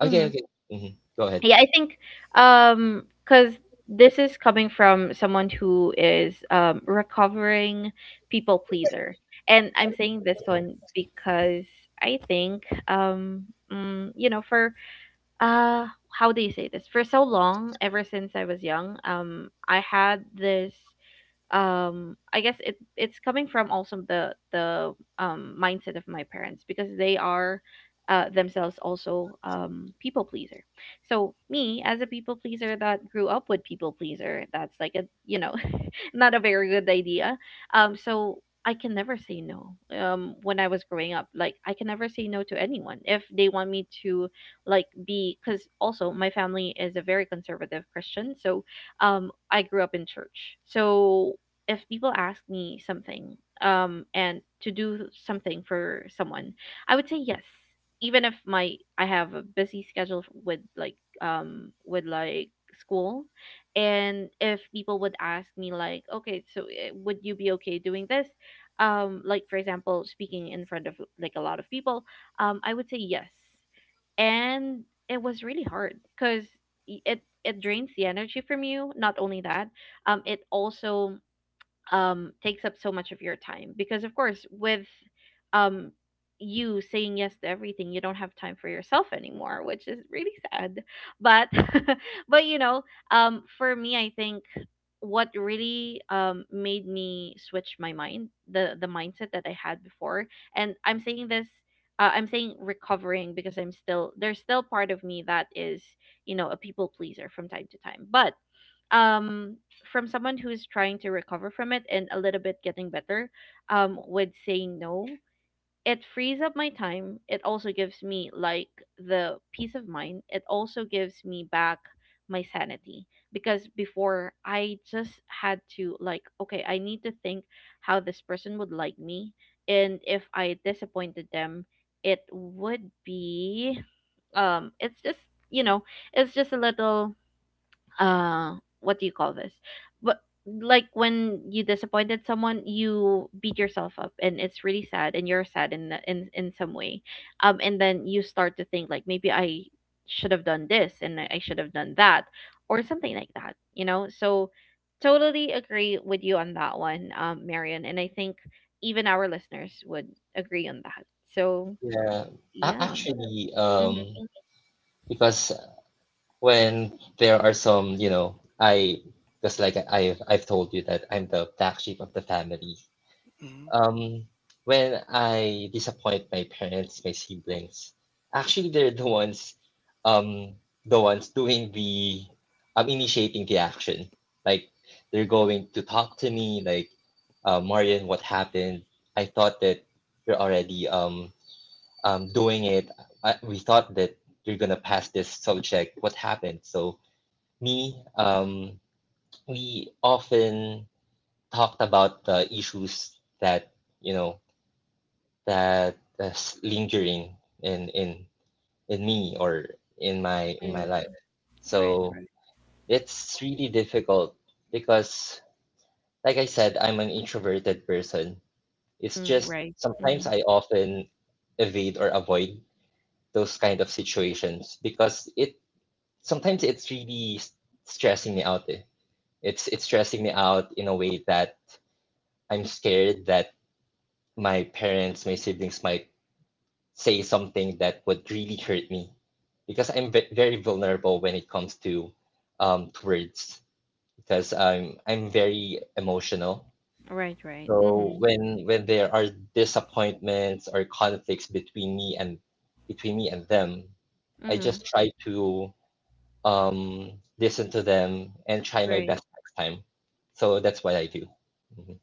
Speaker 3: Okay.
Speaker 1: mhm.
Speaker 3: Okay. hmm Go ahead.
Speaker 1: Yeah, I think. Because this is coming from someone who is recovering people pleaser. And I'm saying this one because I think um you know, for how do you say this? For so long, ever since I was young, I had this I guess it it's coming from also the mindset of my parents because they are themselves also people pleaser. So me as a people pleaser that grew up with people pleaser, that's like a you know [LAUGHS] not a very good idea. So I can never say no. When I was growing up, like I can never say no to anyone if they want me to like be, because also my family is a very conservative Christian. So I grew up in church. So if people ask me something, and to do something for someone, I would say yes, even if my I have a busy schedule with like school. And if people would ask me like, okay, so would you be okay doing this, like for example speaking in front of like a lot of people, I would say yes. And it was really hard because it drains the energy from you. Not only that, it also takes up so much of your time, because of course with um you saying yes to everything, you don't have time for yourself anymore, which is really sad. But [LAUGHS] but you know, for me, I think what really made me switch my mind, the mindset that I had before, and I'm saying this, I'm saying recovering because I'm still there's still part of me that is you know a people pleaser from time to time, but um from someone who's trying to recover from it and a little bit getting better with saying no, it frees up my time. It also gives me like the peace of mind. It also gives me back my sanity. Because before I just had to like, okay, I need to think how this person would like me. And if I disappointed them, it would be it's just you know it's just a little uh what do you call this. But like when you disappointed someone, you beat yourself up, and it's really sad, and you're sad in in some way. And then you start to think like, maybe I should have done that, or something like that, you know. So totally agree with you on that one, Marion, and I think even our listeners would agree on that. So
Speaker 3: Yeah.
Speaker 1: yeah.
Speaker 3: Actually,
Speaker 1: Mm-hmm.
Speaker 3: because when there are some, I just like, I've told you that I'm the black sheep of the family.
Speaker 2: Mhm.
Speaker 3: Um, when I disappoint my parents, my siblings, actually they're um, the ones doing the, initiating the action. Like, they're going to talk to me, like, "Marian, what happened? I thought that you're already doing it. We thought that you're gonna pass this subject. What happened?" So, me, um, we often talked about the issues that you know that that's lingering in in in me, or in my life.
Speaker 1: Right,
Speaker 3: So
Speaker 1: right.
Speaker 3: it's really difficult because, like I said, I'm an introverted person. It's
Speaker 1: Mm,
Speaker 3: just
Speaker 1: right.
Speaker 3: sometimes
Speaker 1: Mm-hmm.
Speaker 3: I often evade or avoid those kind of situations because it sometimes it's really stressing me out. Eh. It's stressing me out in a way that I'm scared that my parents, my siblings might say something that would really hurt me, because I'm very vulnerable when it comes to, to words, because I'm very emotional.
Speaker 1: Right, right.
Speaker 3: So
Speaker 1: Mm-hmm.
Speaker 3: when there are disappointments or conflicts between me and them, I
Speaker 1: Mm-hmm.
Speaker 3: just try to, listen to them and try my
Speaker 1: Right.
Speaker 3: best next time. So that's what I do. Mhm.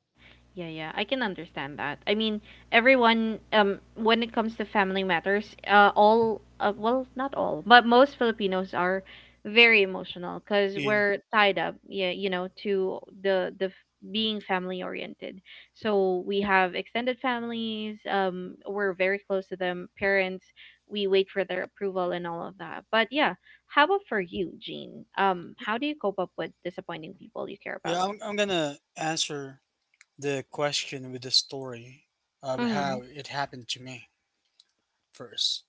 Speaker 1: Yeah, yeah. I can understand that. I mean, everyone when it comes to family matters, all well, not all, but most Filipinos are very emotional cuz
Speaker 2: Yeah,
Speaker 1: we're tied up, yeah, you know, to being family oriented. So we have extended families, we're very close to them, parents, we wait for their approval and all of that. But yeah, how about for you, Jean? Um, how do you cope up with disappointing people you care
Speaker 2: yeah,
Speaker 1: about?
Speaker 2: I'm gonna answer the question with the story of how it happened to me first,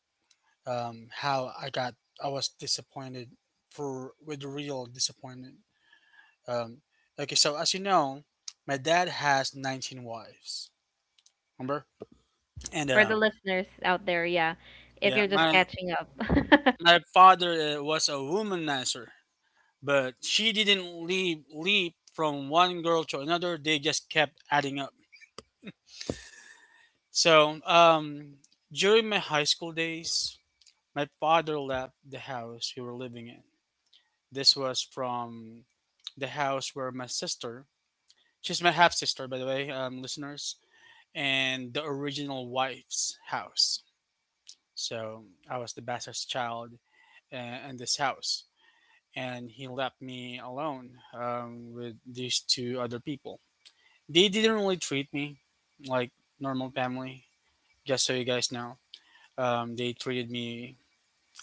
Speaker 2: how I was disappointed for with real disappointment. Um, okay so as you know, my dad has 19 wives, remember? and
Speaker 1: For the
Speaker 2: um,
Speaker 1: listeners out there, yeah. If
Speaker 2: yeah
Speaker 1: you're just
Speaker 2: my
Speaker 1: catching up. [LAUGHS]
Speaker 2: father was a womanizer, but she didn't leave leap from one girl to another, they just kept adding up. So during my high school days, my father left the house we were living in. This was from the house where my sister, she's my half sister, by the way, listeners, and the original wife's house. So I was the bastard's child in this house. And he left me alone with these two other people. They didn't really treat me like normal family, just so you guys know. They treated me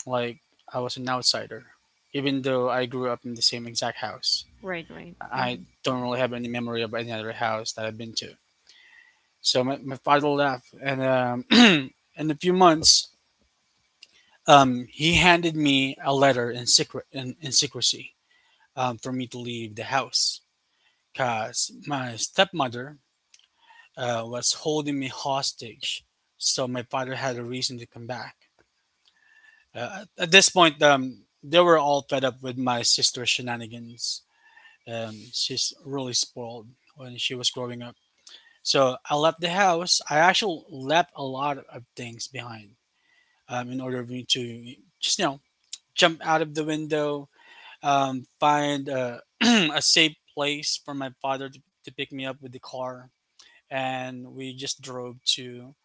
Speaker 2: like I was an outsider, even though I grew up in the same exact house.
Speaker 1: Right, right.
Speaker 2: I
Speaker 1: Mm-hmm.
Speaker 2: don't really have any memory of any other house that I've been to. So my father left, and [CLEARS THROAT] in a few months, he handed me a letter in secret in secrecy for me to leave the house because my stepmother was holding me hostage. So my father had a reason to come back. At this point, they were all fed up with my sister's shenanigans. She's really spoiled when she was growing up. So I left the house. I actually left a lot of things behind in order for me to just you know jump out of the window, find a, [CLEARS THROAT] a safe place for my father to pick me up with the car, and we just drove to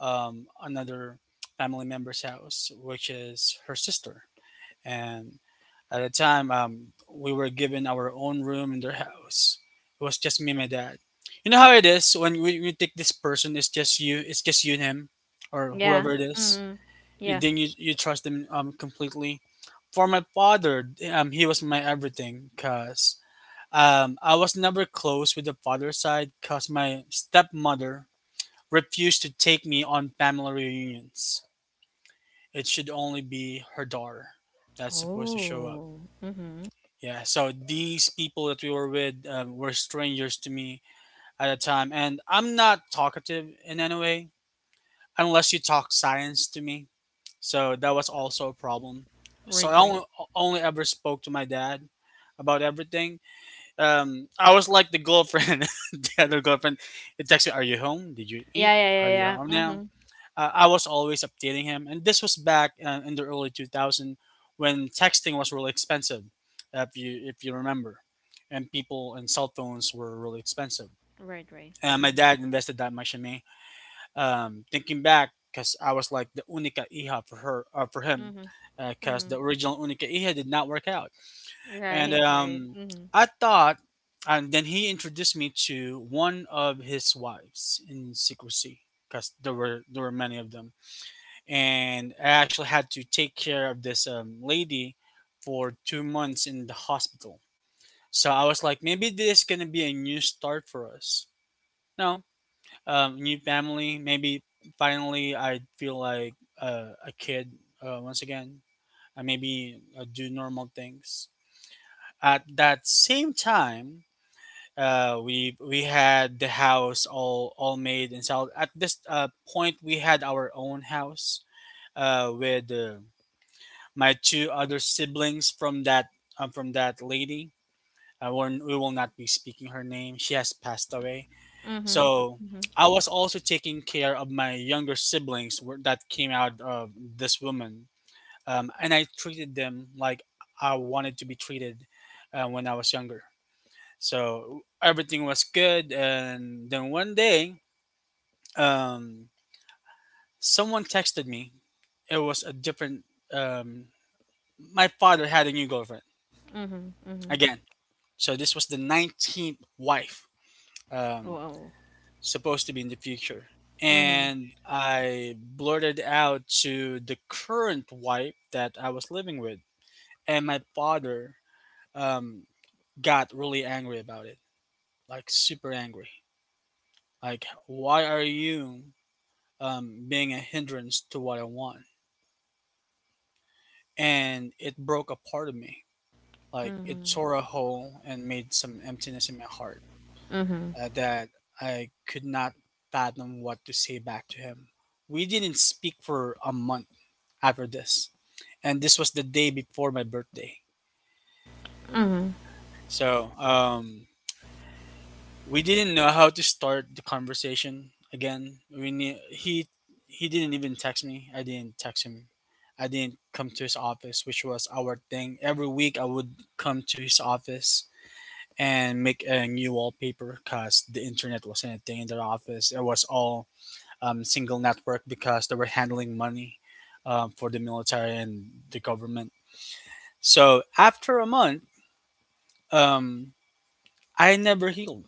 Speaker 2: another family member's house, which is her sister. And at the time we were given our own room in their house. It was just me and my dad. You know how it is when we take this person, it's just you and him, or
Speaker 1: Yeah.
Speaker 2: whoever it is.
Speaker 1: Mm-hmm.
Speaker 2: You
Speaker 1: Yeah.
Speaker 2: then you trust them completely. For my father he was my everything because I was never close with the father side because my stepmother refused to take me on family reunions. It should only be her daughter that's supposed to show up.
Speaker 1: Oh. Mm-hmm.
Speaker 2: Yeah, so these people that we were with were strangers to me at the time, and I'm not talkative in any way unless you talk science to me. So that was also a problem. So
Speaker 1: Right,
Speaker 2: I
Speaker 1: right.
Speaker 2: only, only ever spoke to my dad about everything. I was like the girlfriend, [LAUGHS] the other girlfriend. It texts me, "Are you home? Did you
Speaker 1: Yeah,
Speaker 2: eat?
Speaker 1: yeah,
Speaker 2: Are
Speaker 1: yeah,
Speaker 2: you home
Speaker 1: yeah.
Speaker 2: now?"
Speaker 1: Mm-hmm.
Speaker 2: I was always updating him, and this was back in the early 2000 when texting was really expensive, if you remember, and people and cell phones were really expensive.
Speaker 1: Right, right.
Speaker 2: And my
Speaker 1: Mm-hmm.
Speaker 2: dad invested that much in me. Thinking back, because I was like the única hija for her for him,
Speaker 1: Mm-hmm.
Speaker 2: because
Speaker 1: Mm-hmm.
Speaker 2: the original única hija did not work out, and
Speaker 1: Right, right.
Speaker 2: um,
Speaker 1: Mm-hmm.
Speaker 2: I thought. And then he introduced me to one of his wives in secrecy, because there were many of them, and I actually had to take care of this lady for 2 months in the hospital. So I was like, maybe this is gonna be a new start for us. No, new family. Maybe finally I feel like a kid once again. I maybe do normal things. At that same time, we had the house all made and sold. At this point we had our own house with. My two other siblings from that lady. We will not be speaking her name. She has passed away.
Speaker 1: Mm-hmm.
Speaker 2: So
Speaker 1: Mm-hmm.
Speaker 2: I was also taking care of my younger siblings that came out of this woman, and I treated them like I wanted to be treated when I was younger. So everything was good, and then one day, um, someone texted me. It was a different. Um, my father had a new girlfriend
Speaker 1: Mm-hmm. Mm-hmm.
Speaker 2: again. So this was the 19th wife, um,
Speaker 1: Whoa.
Speaker 2: supposed to be in the future.
Speaker 1: Mm-hmm.
Speaker 2: And I blurted out to the current wife that I was living with. And my father um, got really angry about it, like super angry. Like, why are you being a hindrance to what I want? And it broke a part of me. Like, it
Speaker 1: Mm-hmm.
Speaker 2: tore a hole and made some emptiness in my heart.
Speaker 1: Mm-hmm.
Speaker 2: That I could not fathom what to say back to him. We didn't speak for a month after this, and this was the day before my birthday.
Speaker 1: Mm-hmm.
Speaker 2: So we didn't know how to start the conversation again. We knew, he didn't even text me. I didn't text him. I didn't come to his office, which was our thing. Every week I would come to his office and make a new wallpaper because the internet wasn't a thing in their office. It was all single network because they were handling money for the military and the government. So after a month, um, I never healed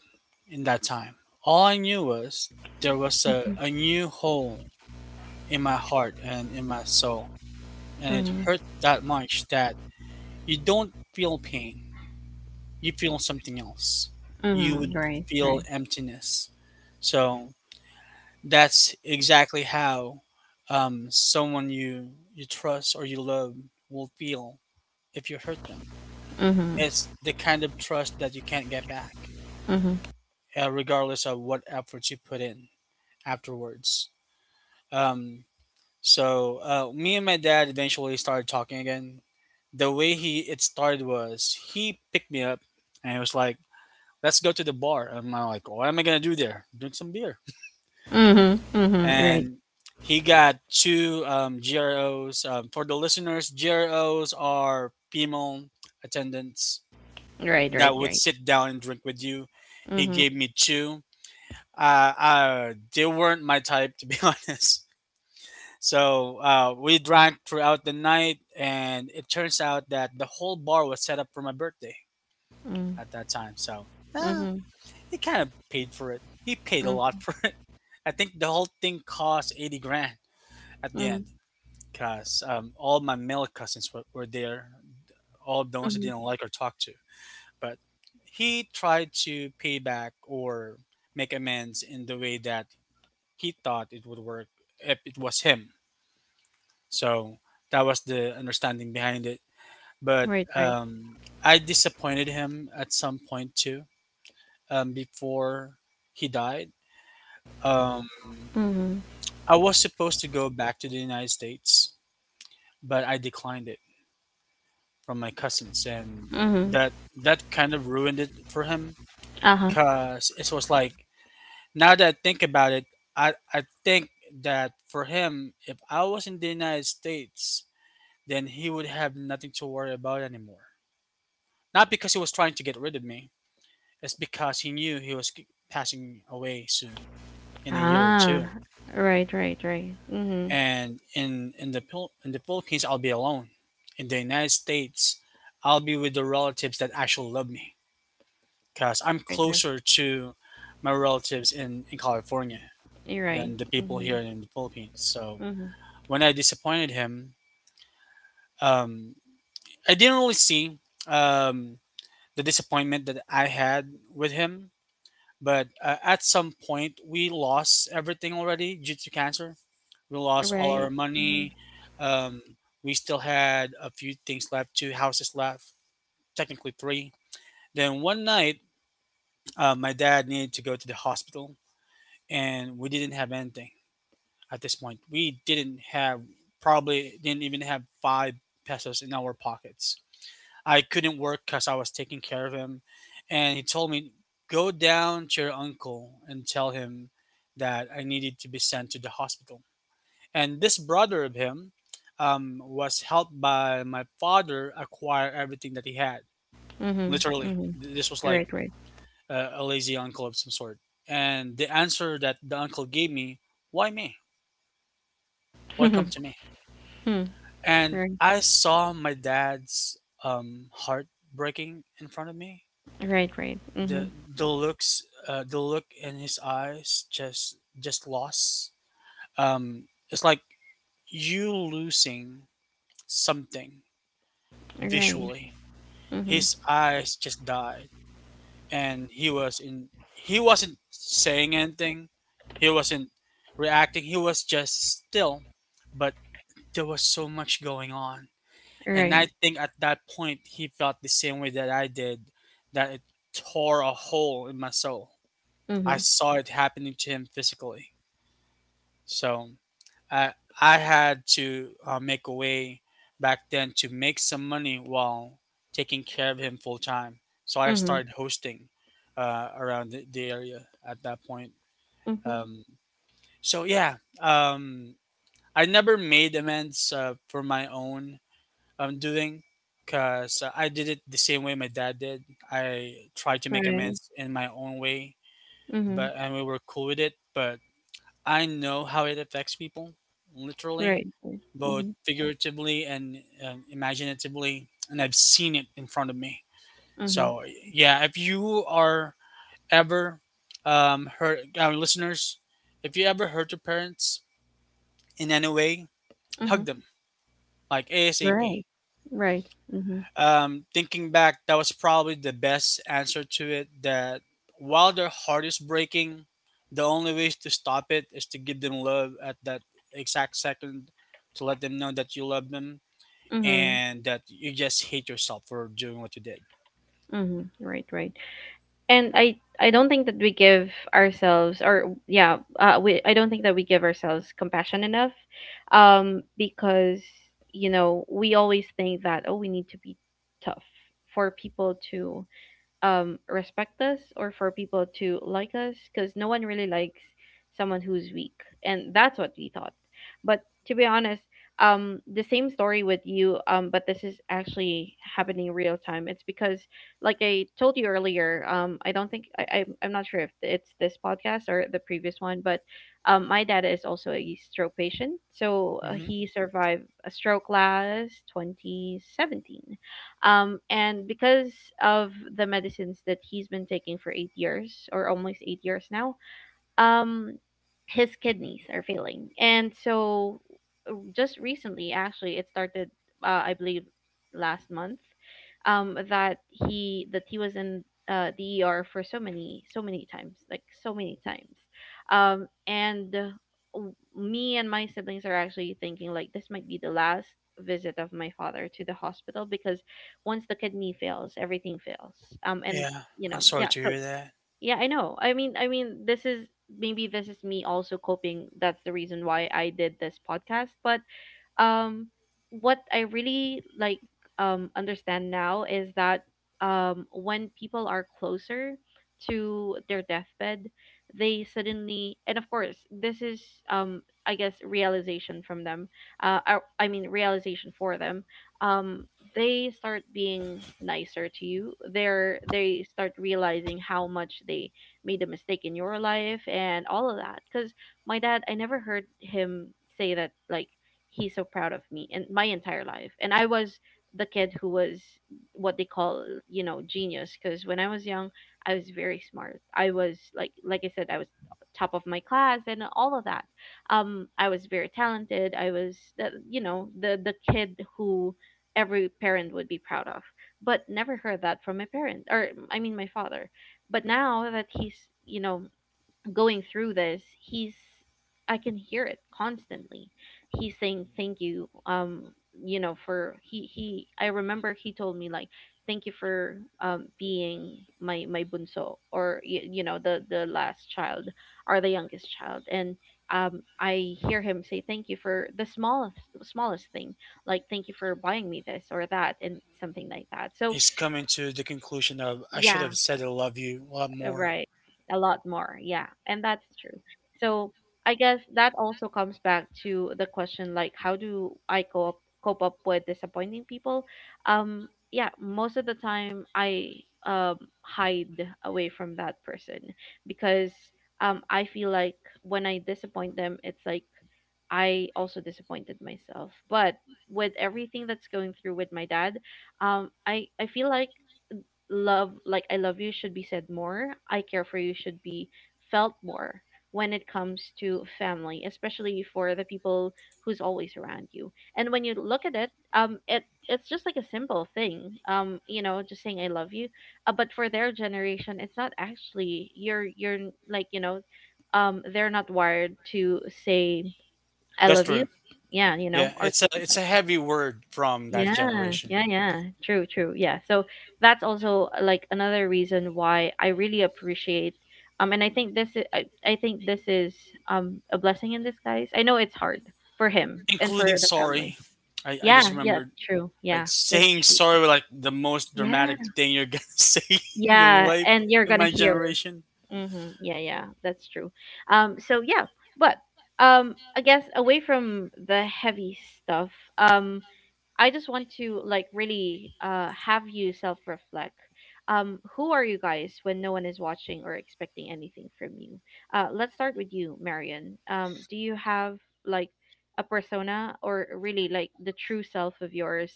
Speaker 2: in that time. All I knew was there was a new hole in my heart and in my soul. And it hurt
Speaker 1: Mm-hmm.
Speaker 2: that much that you don't feel pain, you feel something else. You would
Speaker 1: Mm-hmm. Right,
Speaker 2: feel
Speaker 1: right.
Speaker 2: emptiness. So that's exactly how someone you trust or you love will feel if you hurt them.
Speaker 1: Mm-hmm.
Speaker 2: It's the kind of trust that you can't get back,
Speaker 1: Mm-hmm.
Speaker 2: regardless of what efforts you put in afterwards. Um, so me and my dad eventually started talking again. The way he it started was he picked me up and he was like, "Let's go to the bar." And I'm like, "What am I gonna do there? Drink some beer."
Speaker 1: Mm-hmm. Mm-hmm. Right.
Speaker 2: And he got two GROs. For the listeners, GROs are female attendants
Speaker 1: Right,
Speaker 2: that
Speaker 1: right,
Speaker 2: would
Speaker 1: right.
Speaker 2: sit down and drink with you. He
Speaker 1: Mm-hmm.
Speaker 2: gave me two. They weren't my type, to be [LAUGHS] honest. So we drank throughout the night, and it turns out that the whole bar was set up for my birthday at that time. So uh,
Speaker 1: Mm-hmm.
Speaker 2: he kind of paid for it. He paid a
Speaker 1: Mm,
Speaker 2: lot [LAUGHS] for it. I think the whole thing cost 80 grand at the end.
Speaker 1: mhm,
Speaker 2: Because all my male cousins were there, all the ones I
Speaker 1: mhm.
Speaker 2: didn't like or talk to. But he tried to pay back or make amends in the way that he thought it would work if it was him. So that was the understanding behind it. But
Speaker 1: Right, right.
Speaker 2: I disappointed him at some point too, before he died. Um,
Speaker 1: Mhm,
Speaker 2: I was supposed to go back to the United States, but I declined it from my cousins, and
Speaker 1: mhm.
Speaker 2: that kind of ruined it for him.
Speaker 1: Uh-huh.
Speaker 2: Cause it was like now that I think about it, I think that for him, if I was in the United States, then he would have nothing to worry about anymore. Not because he was trying to get rid of me, it's because he knew he was passing away soon in a year or
Speaker 1: Ah,
Speaker 2: two.
Speaker 1: right, right, right. Mhm.
Speaker 2: And in in the Philippines, I'll be alone. In the United States, I'll be with the relatives that actually love me because I'm
Speaker 1: Right, right.
Speaker 2: closer to my relatives in California
Speaker 1: You're
Speaker 2: than
Speaker 1: right.
Speaker 2: the people here
Speaker 1: Mhm,
Speaker 2: in the Philippines. So
Speaker 1: mhm.
Speaker 2: when I disappointed him, um, I didn't really see, um, the disappointment that I had with him. But at some point, we lost everything already due to cancer. We lost all our
Speaker 1: Right. Mhm,
Speaker 2: money. Um, we still had a few things left, two houses left, technically three. Then one night, my dad needed to go to the hospital and we didn't have anything at this point. We didn't have, probably didn't even have five pesos in our pockets. I couldn't work because I was taking care of him, and he told me go down to your uncle and tell him that I needed to be sent to the hospital. And this brother of him, was helped by my father acquire everything that he had.
Speaker 1: mhm,
Speaker 2: Literally,
Speaker 1: mhm.
Speaker 2: this was like
Speaker 1: Right, right.
Speaker 2: a lazy uncle of some sort. And the answer that the uncle gave me, why me? What come
Speaker 1: [LAUGHS]
Speaker 2: to me.
Speaker 1: Hmm.
Speaker 2: And
Speaker 1: Right,
Speaker 2: I saw my dad's, heart breaking in front of me.
Speaker 1: right, right. Mhm.
Speaker 2: The look in his eyes, just loss. It's like you losing something
Speaker 1: Right.
Speaker 2: visually.
Speaker 1: Mhm.
Speaker 2: His eyes just died, and he was in. He wasn't saying anything. He wasn't reacting. He was just still. But there was so much going on. And I
Speaker 1: Right.
Speaker 2: think at that point he felt the same way that I did, that it tore a hole in my soul. I
Speaker 1: Mhm,
Speaker 2: saw it happening to him physically. So I I had to, make a way back then to make some money while taking care of him full time. So I
Speaker 1: mhm,
Speaker 2: started hosting around the area at that point.
Speaker 1: mhm.
Speaker 2: Um, so yeah, I never made amends, for my own I'm doing because I did it the same way my dad did. I tried to make
Speaker 1: Right.
Speaker 2: amends in my own way,
Speaker 1: Mhm.
Speaker 2: but and we were cool with it. But I know how it affects people, literally,
Speaker 1: Right. Right.
Speaker 2: both figuratively and imaginatively, and I've seen it in front of me.
Speaker 1: Mhm,
Speaker 2: So yeah, if you are ever, hurt our listeners, if you ever hurt your parents in any way,
Speaker 1: mhm,
Speaker 2: hug
Speaker 1: mhm.
Speaker 2: them like
Speaker 1: Right,
Speaker 2: ASAP.
Speaker 1: right. Mhm,
Speaker 2: Thinking back, that was probably the best answer to it. That while their heart is breaking, the only way to stop it is to give them love at that exact second, to let them know that you love them
Speaker 1: mhm,
Speaker 2: and that you just hate yourself for doing what you did.
Speaker 1: mhm. Right, right. and I don't think that we give ourselves or yeah we I don't think that we give ourselves compassion enough, because you know we always think that, oh, we need to be tough for people to respect us, or for people to like us, because no one really likes someone who's weak, and that's what we thought. But to be honest, the same story with you, but this is actually happening real time. It's because, like I told you earlier, I don't think I'm not sure if it's this podcast or the previous one, but my dad is also a stroke patient. So
Speaker 2: Hmm.
Speaker 1: he survived a stroke last 2017, and because of the medicines that he's been taking for 8 years, or almost 8 years now, um, his kidneys are failing. And so just recently actually it started, I believe last month, that he was in the ER for so many, so many times, like so many times. um and uh, Me and my siblings are actually thinking like this might be the last visit of my father to the hospital, because once the kidney fails, everything fails. And
Speaker 2: Yeah,
Speaker 1: You
Speaker 2: I'm
Speaker 1: know,
Speaker 2: sorry
Speaker 1: yeah,
Speaker 2: to
Speaker 1: so
Speaker 2: hear that.
Speaker 1: yeah, I know. I mean, I mean, this is, maybe this is me also coping. That's the reason why I did this podcast. But um what I really like understand now is that, when people are closer to their deathbed, they suddenly, and of course this is, I guess, realization from them, I mean realization for them, um they start being nicer to you. They start realizing how much they made a mistake in your life and all of that. Because my dad, I never heard him say that, like, he's so proud of me and my entire life. And I was the kid who was, what they call, you know, genius. Because when I was young, I was very smart. I was like, I said, I was top of my class and all of that. I was very talented. I was the, you know, the kid who every parent would be proud of. But never heard that from my parent, or I mean my father. But now that he's, you know, going through this, he's, I can hear it constantly. He's saying thank you. You know, for he I remember he told me, like, thank you for being my bunso, or you know, the last child or the youngest child. And I hear him say thank you for the smallest thing, like thank you for buying me this or that and something like that. So
Speaker 2: He's coming to the conclusion of I should
Speaker 1: yeah,
Speaker 2: have said I love you a lot more.
Speaker 1: right. A lot more. Yeah. And that's true. So I guess that also comes back to the question, like, how do I cope up with disappointing people? Yeah, most of the time I hide away from that person, because I feel like when I disappoint them, it's like I also disappointed myself. But with everything that's going through with my dad, I feel like love, like I love you, should be said more. I care for you should be felt more when it comes to family, especially for the people who's always around you. And when you look at it, it it's just like a simple thing, you know, just saying I love you. But for their generation, it's not actually, you're like, you know, they're not wired to say I
Speaker 2: That's
Speaker 1: love you,
Speaker 2: true.
Speaker 1: yeah, you know,
Speaker 2: Yeah,
Speaker 1: or
Speaker 2: it's a
Speaker 1: something
Speaker 2: it's
Speaker 1: like.
Speaker 2: a heavy word from that
Speaker 1: Yeah, yeah,
Speaker 2: generation.
Speaker 1: yeah. True, true. Yeah. So that's also like another reason why I really appreciate, and I think this is, I think this is a blessing in disguise. I know it's hard for him and
Speaker 2: Including
Speaker 1: for the family.
Speaker 2: sorry. I just
Speaker 1: Yeah, yeah,
Speaker 2: remembered
Speaker 1: true.
Speaker 2: like
Speaker 1: Yeah, that's
Speaker 2: saying
Speaker 1: true.
Speaker 2: sorry was like the most
Speaker 1: Yeah.
Speaker 2: dramatic thing you're gonna [LAUGHS] say in your
Speaker 1: Yeah,
Speaker 2: life
Speaker 1: and you're
Speaker 2: in
Speaker 1: gonna
Speaker 2: my
Speaker 1: hear.
Speaker 2: generation.
Speaker 1: Mm-hmm. Yeah, yeah, that's true. So yeah, but I guess away from the heavy stuff, um, I just want to like really have you self reflect. Who are you guys when no one is watching or expecting anything from you? Let's start with you, Marion. Do you have like a persona or really like the true self of yours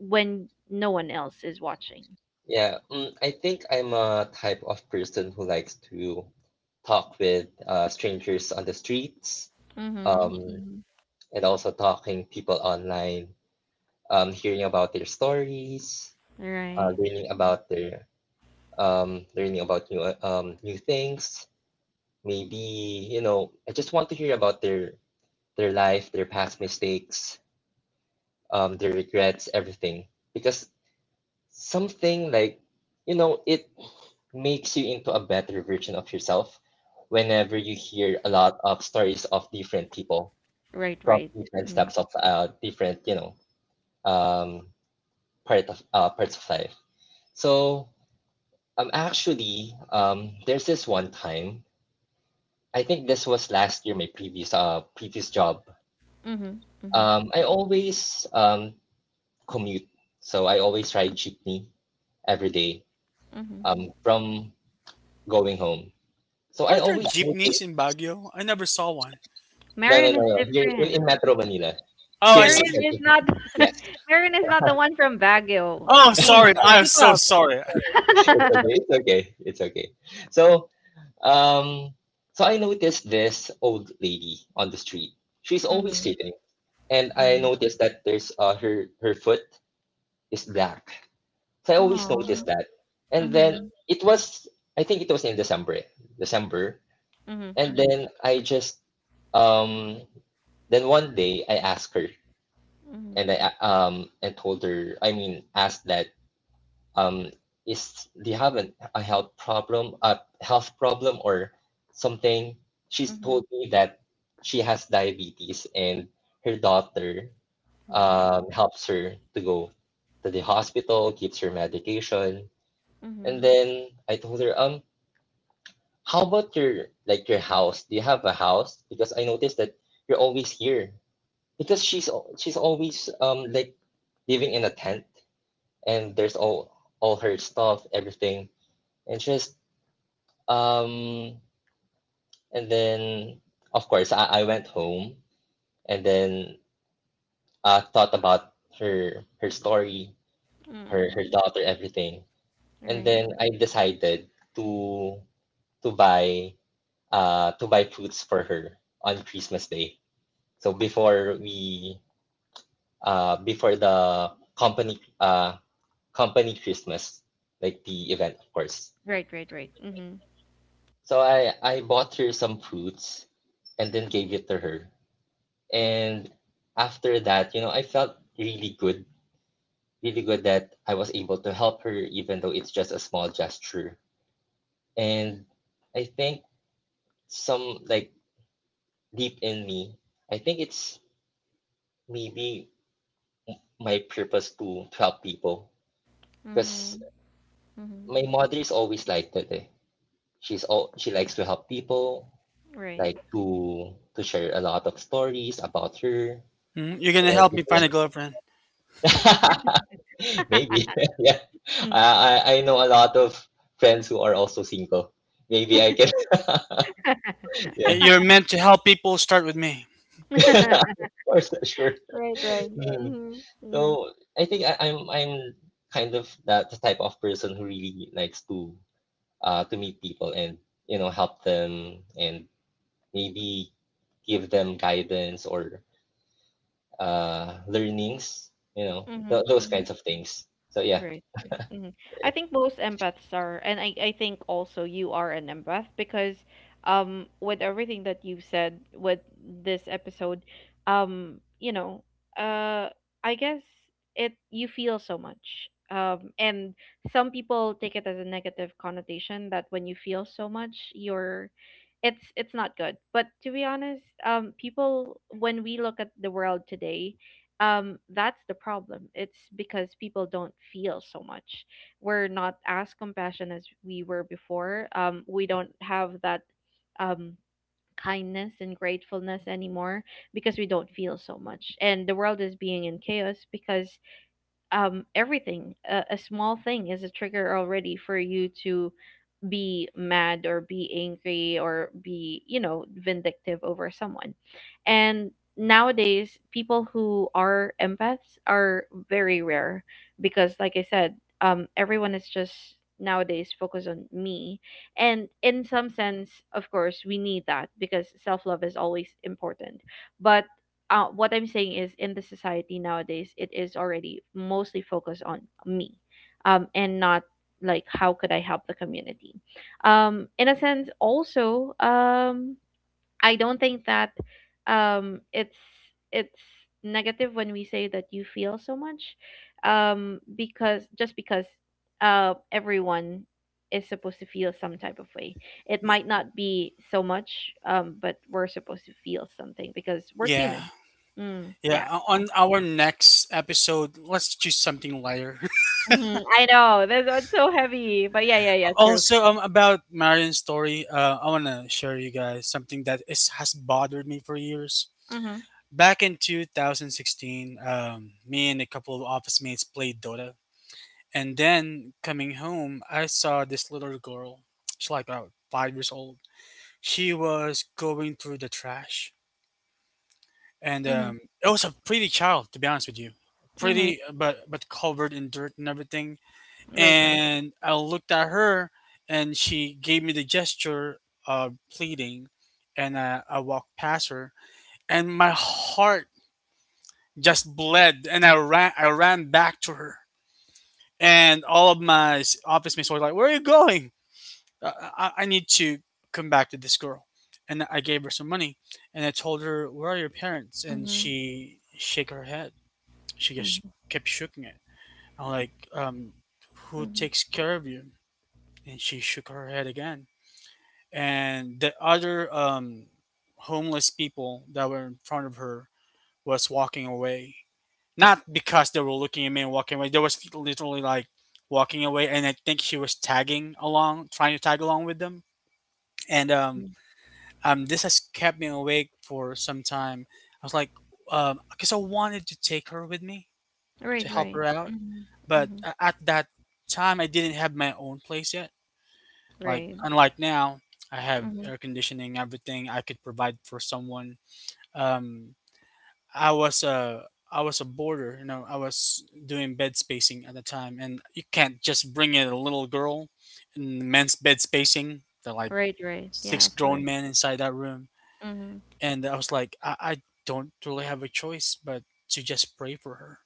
Speaker 1: when no one else is watching?
Speaker 3: Yeah, I think I'm a type of person who likes to talk with strangers on the streets,
Speaker 1: Mhm.
Speaker 3: um,
Speaker 1: Hmm.
Speaker 3: and also talking people online, hearing about their stories,
Speaker 1: Right.
Speaker 3: learning about their, learning about new, new things. Maybe, you know, I just want to hear about their life, their past mistakes, their regrets, everything. Because, something like, you know, it makes you into a better version of yourself whenever you hear a lot of stories of different people
Speaker 1: Right,
Speaker 3: from
Speaker 1: right.
Speaker 3: different
Speaker 1: Hmm.
Speaker 3: steps of, different, um, part of, parts of life. So, actually, there's this one time, I think this was last year, my previous job,
Speaker 1: Mhm. Mhm.
Speaker 3: I always, commute, so I always ride jeepney every day,
Speaker 1: Mhm.
Speaker 3: from going home. So I
Speaker 2: Are there
Speaker 3: always, no,
Speaker 2: jeepneys in Baguio? I never saw one.
Speaker 3: no, no,
Speaker 1: Marion is
Speaker 3: no. Here in,
Speaker 1: different.
Speaker 3: in Metro Manila,
Speaker 2: Oh,
Speaker 3: here
Speaker 2: I
Speaker 3: in,
Speaker 1: Marion
Speaker 2: see.
Speaker 1: is not.
Speaker 3: yeah,
Speaker 1: [LAUGHS] Marion is not the one from Baguio.
Speaker 2: Oh, sorry.
Speaker 1: Jean,
Speaker 2: I'm
Speaker 1: keep
Speaker 2: so
Speaker 1: up.
Speaker 2: sorry.
Speaker 3: it's okay,
Speaker 1: [LAUGHS]
Speaker 3: it's okay, it's okay. So, um, I noticed this old lady on the street. She's always
Speaker 1: Mhm,
Speaker 3: sitting, and I
Speaker 1: mhm.
Speaker 3: noticed that there's her foot is black. So I always
Speaker 1: Aw.
Speaker 3: noticed that, and then,
Speaker 1: Mhm,
Speaker 3: it was I think it was in December, December,
Speaker 1: mhm,
Speaker 3: and
Speaker 1: mhm,
Speaker 3: then I just, um then one day I asked her,
Speaker 1: mhm,
Speaker 3: and I, and told her, I mean, asked that, um, is they have a health problem, or something. She's told
Speaker 1: mhm.
Speaker 3: me that she has diabetes, and her daughter,
Speaker 1: Right.
Speaker 3: helps her to go to the hospital, gives her medication. And
Speaker 1: Mhm.
Speaker 3: then I told her, "How about your, your house? Do you have a house? Because I noticed that you're always here." Because she's always, like, living in a tent, and there's all her stuff, everything. And she's Um, and then, of course, I went home and then, thought about her story, her
Speaker 1: Mm-mm.
Speaker 3: daughter, everything. And
Speaker 1: Right.
Speaker 3: then I decided to to buy to buy fruits for her on Christmas Day. So before we before the company Christmas, like the event, of course.
Speaker 1: Right, right, right. Mhm.
Speaker 3: So I bought her some fruits, and then gave it to her. And after that, you know, I felt really good, really good that I was able to help her, even though it's just a small gesture. And I think, some like deep in me, I think it's maybe my purpose to, help people. Because
Speaker 1: Mhm, mhm.
Speaker 3: my mother is always like that. Eh. She likes to help people,
Speaker 1: Right.
Speaker 3: like to share a lot of stories about her and
Speaker 2: Hmm, you're gonna help me find a
Speaker 3: everything.
Speaker 2: girlfriend.
Speaker 3: [LAUGHS] Maybe. [LAUGHS] Yeah.
Speaker 1: Mm.
Speaker 3: I know a lot of friends who are also single. Maybe I can. [LAUGHS]
Speaker 2: Eh,
Speaker 3: Yeah.
Speaker 2: you're meant to help people. Start with me.
Speaker 3: [LAUGHS]
Speaker 1: [LAUGHS]
Speaker 3: Of course, sure.
Speaker 1: Right, right.
Speaker 3: Mm.
Speaker 1: Mhm, mhm,
Speaker 3: So I think, I'm kind of that the type of person who really likes to meet people, and, you know, help them, and maybe give them guidance or, learnings, you know, th
Speaker 1: mhm,
Speaker 3: those
Speaker 1: mhm.
Speaker 3: kinds of things. So yeah.
Speaker 1: Right. Hmm. I think most empaths are, and I think also you are an empath, because with everything that you've said with this episode, you know, uh I guess it you feel so much. And some people take it as a negative connotation that when you feel so much, you're, it's not good. But to be honest, people, when we look at the world today, that's the problem. It's because people don't feel so much. We're not as compassionate as we were before. We don't have that um kindness and gratefulness anymore, because we don't feel so much, and the world is being in chaos because everything, a small thing is a trigger already for you to be mad or be angry or be, you know, vindictive over someone. And nowadays, people who are empaths are very rare, because, like I said, everyone is just nowadays focused on me. And in some sense, of course, we need that, because self love is always important. But what I'm saying is, in the society nowadays, it is already mostly focused on me, and not like, how could I help the community? In a sense also, I don't think that um it's it's negative when we say that you feel so much, because just because everyone is supposed to feel some type of way, it might not be so much, but we're supposed to feel something because we're
Speaker 2: Yeah,
Speaker 1: human. Mm, yeah.
Speaker 2: yeah.
Speaker 1: Yeah.
Speaker 2: On our next episode, let's choose something lighter. [LAUGHS]
Speaker 1: Hmm. I know that's one's so heavy, but yeah, yeah, yeah, true.
Speaker 2: Also, about Marion's story, I wanna share you guys something that is has bothered me for years.
Speaker 1: Mm-hmm.
Speaker 2: Back in 2016, me and a couple of office mates played Dota, and then coming home, I saw this little girl. She's like about 5 years old. She was going through the trash, and
Speaker 1: Mm-hmm.
Speaker 2: it was a pretty child, to be honest with you.
Speaker 1: Mm-hmm.
Speaker 2: Pretty, but covered in dirt and everything,
Speaker 1: Right, right.
Speaker 2: and I looked at her, and she gave me the gesture of pleading, and I walked past her, and my heart just bled, and I ran back to her, and all of my office mates were like, "Where are you going? I need to come back to this girl," and I gave her some money, and I told her, "Where are your parents?" And
Speaker 1: Mm-hmm.
Speaker 2: she shake her head. She just kept shaking it. I'm like, "Who
Speaker 1: Mm-hmm.
Speaker 2: takes care of you?" And she shook her head again. And the other, homeless people that were in front of her was walking away. Not because they were looking at me and walking away. They was literally like walking away, and I think she was tagging along, trying to tag along with them. And
Speaker 1: Mm.
Speaker 2: this has kept me awake for some time. I was like, because I wanted to take her with me
Speaker 1: Right,
Speaker 2: to help
Speaker 1: right.
Speaker 2: her out,
Speaker 1: Mhm.
Speaker 2: but
Speaker 1: Mhm.
Speaker 2: at that time I didn't have my own place yet. Like
Speaker 1: Right.
Speaker 2: unlike now, I have
Speaker 1: Mhm.
Speaker 2: air conditioning, everything I could provide for someone. Um, I was a boarder. You know. I was doing bed spacing at the time, and you can't just bring in a little girl in men's bed spacing. They're like
Speaker 1: Right, right.
Speaker 2: six
Speaker 1: Yeah, of course.
Speaker 2: grown men inside that room,
Speaker 1: Mhm.
Speaker 2: and I was like, I don't really have a choice but to just pray for her,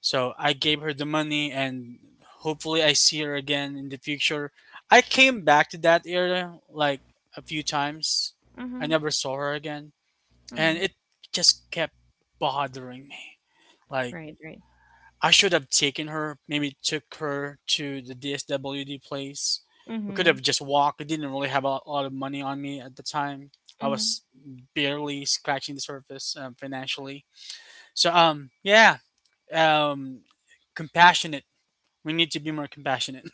Speaker 2: so I gave her the money and hopefully I see her again in the future. I came back to that area like a few times. I
Speaker 1: Mhm.
Speaker 2: never saw her again. And
Speaker 1: Mhm.
Speaker 2: it just kept bothering me. Like
Speaker 1: Right, right.
Speaker 2: I should have taken her, maybe took her to the DSWD place. We could
Speaker 1: Mhm.
Speaker 2: have just walked. I didn't really have a lot of money on me at the time. I
Speaker 1: Mhm.
Speaker 2: was barely scratching the surface, financially. So yeah, um compassionate we need to be more compassionate.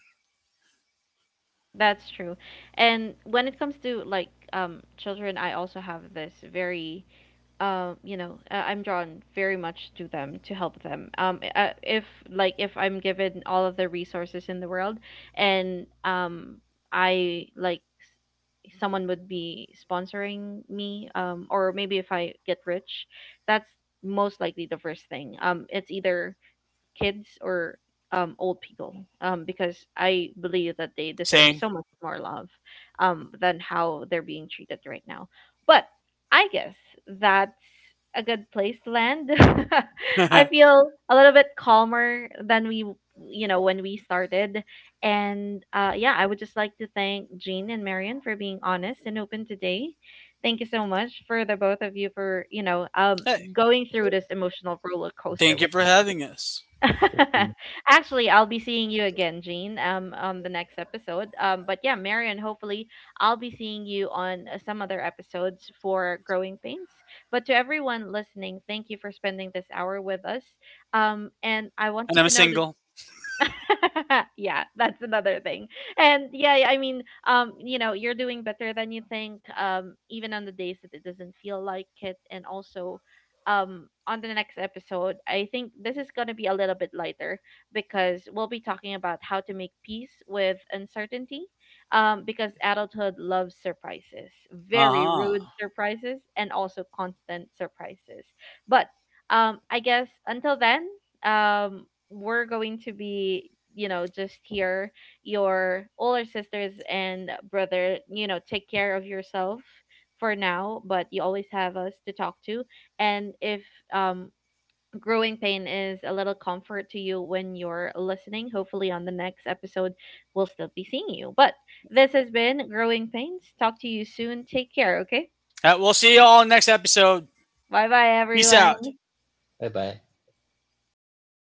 Speaker 1: That's true. And when it comes to, like, children, I also have this very you know, I'm drawn very much to them to help them. If like, if I'm given all of the resources in the world, and I like, someone would be sponsoring me, or maybe if I get rich, that's most likely the first thing. Um it's either kids or old people, because I believe that they deserve
Speaker 2: Saying,
Speaker 1: so much more love than how they're being treated right now. But I guess that's a good place to land. [LAUGHS] I
Speaker 2: [LAUGHS] hey,
Speaker 1: feel a little bit calmer than we, you know, when we started. And yeah, I would just like to thank Jean and Marion for being honest and open today. Thank you so much for the both of you for, you know, going through this emotional roller coaster
Speaker 2: thank you
Speaker 1: with
Speaker 2: for
Speaker 1: me.
Speaker 2: having us.
Speaker 3: Thank you.
Speaker 1: [LAUGHS] Actually, I'll be seeing you again, Jean, on the next episode. But yeah, Marion, hopefully I'll be seeing you on some other episodes for Growing Pains. But to everyone listening, thank you for spending this hour with us. And I want
Speaker 2: And
Speaker 1: you
Speaker 2: I'm
Speaker 1: to know that
Speaker 2: single.
Speaker 1: [LAUGHS] yeah, that's another thing. And yeah, yeah, I mean, you know, you're doing better than you think, even on the days that it doesn't feel like it. And also, on the next episode, I think this is going to be a little bit lighter, because we'll be talking about how to make peace with uncertainty. Because adulthood loves surprises, very
Speaker 2: Uh-huh.
Speaker 1: rude
Speaker 2: Uh
Speaker 1: surprises, and also constant surprises. But I guess until then, we're going to be, you know, just here, your older sisters and brother. You know, take care of yourself for now, but you always have us to talk to. And if um growing pain is a little comfort to you when you're listening, hopefully on the next episode we'll still be seeing you. But this has been Growing Pains. Talk to you soon. Take care. Okay,
Speaker 2: huh. We'll see you all next episode.
Speaker 1: bye bye
Speaker 2: Peace out.
Speaker 1: everyone.
Speaker 3: Bye bye.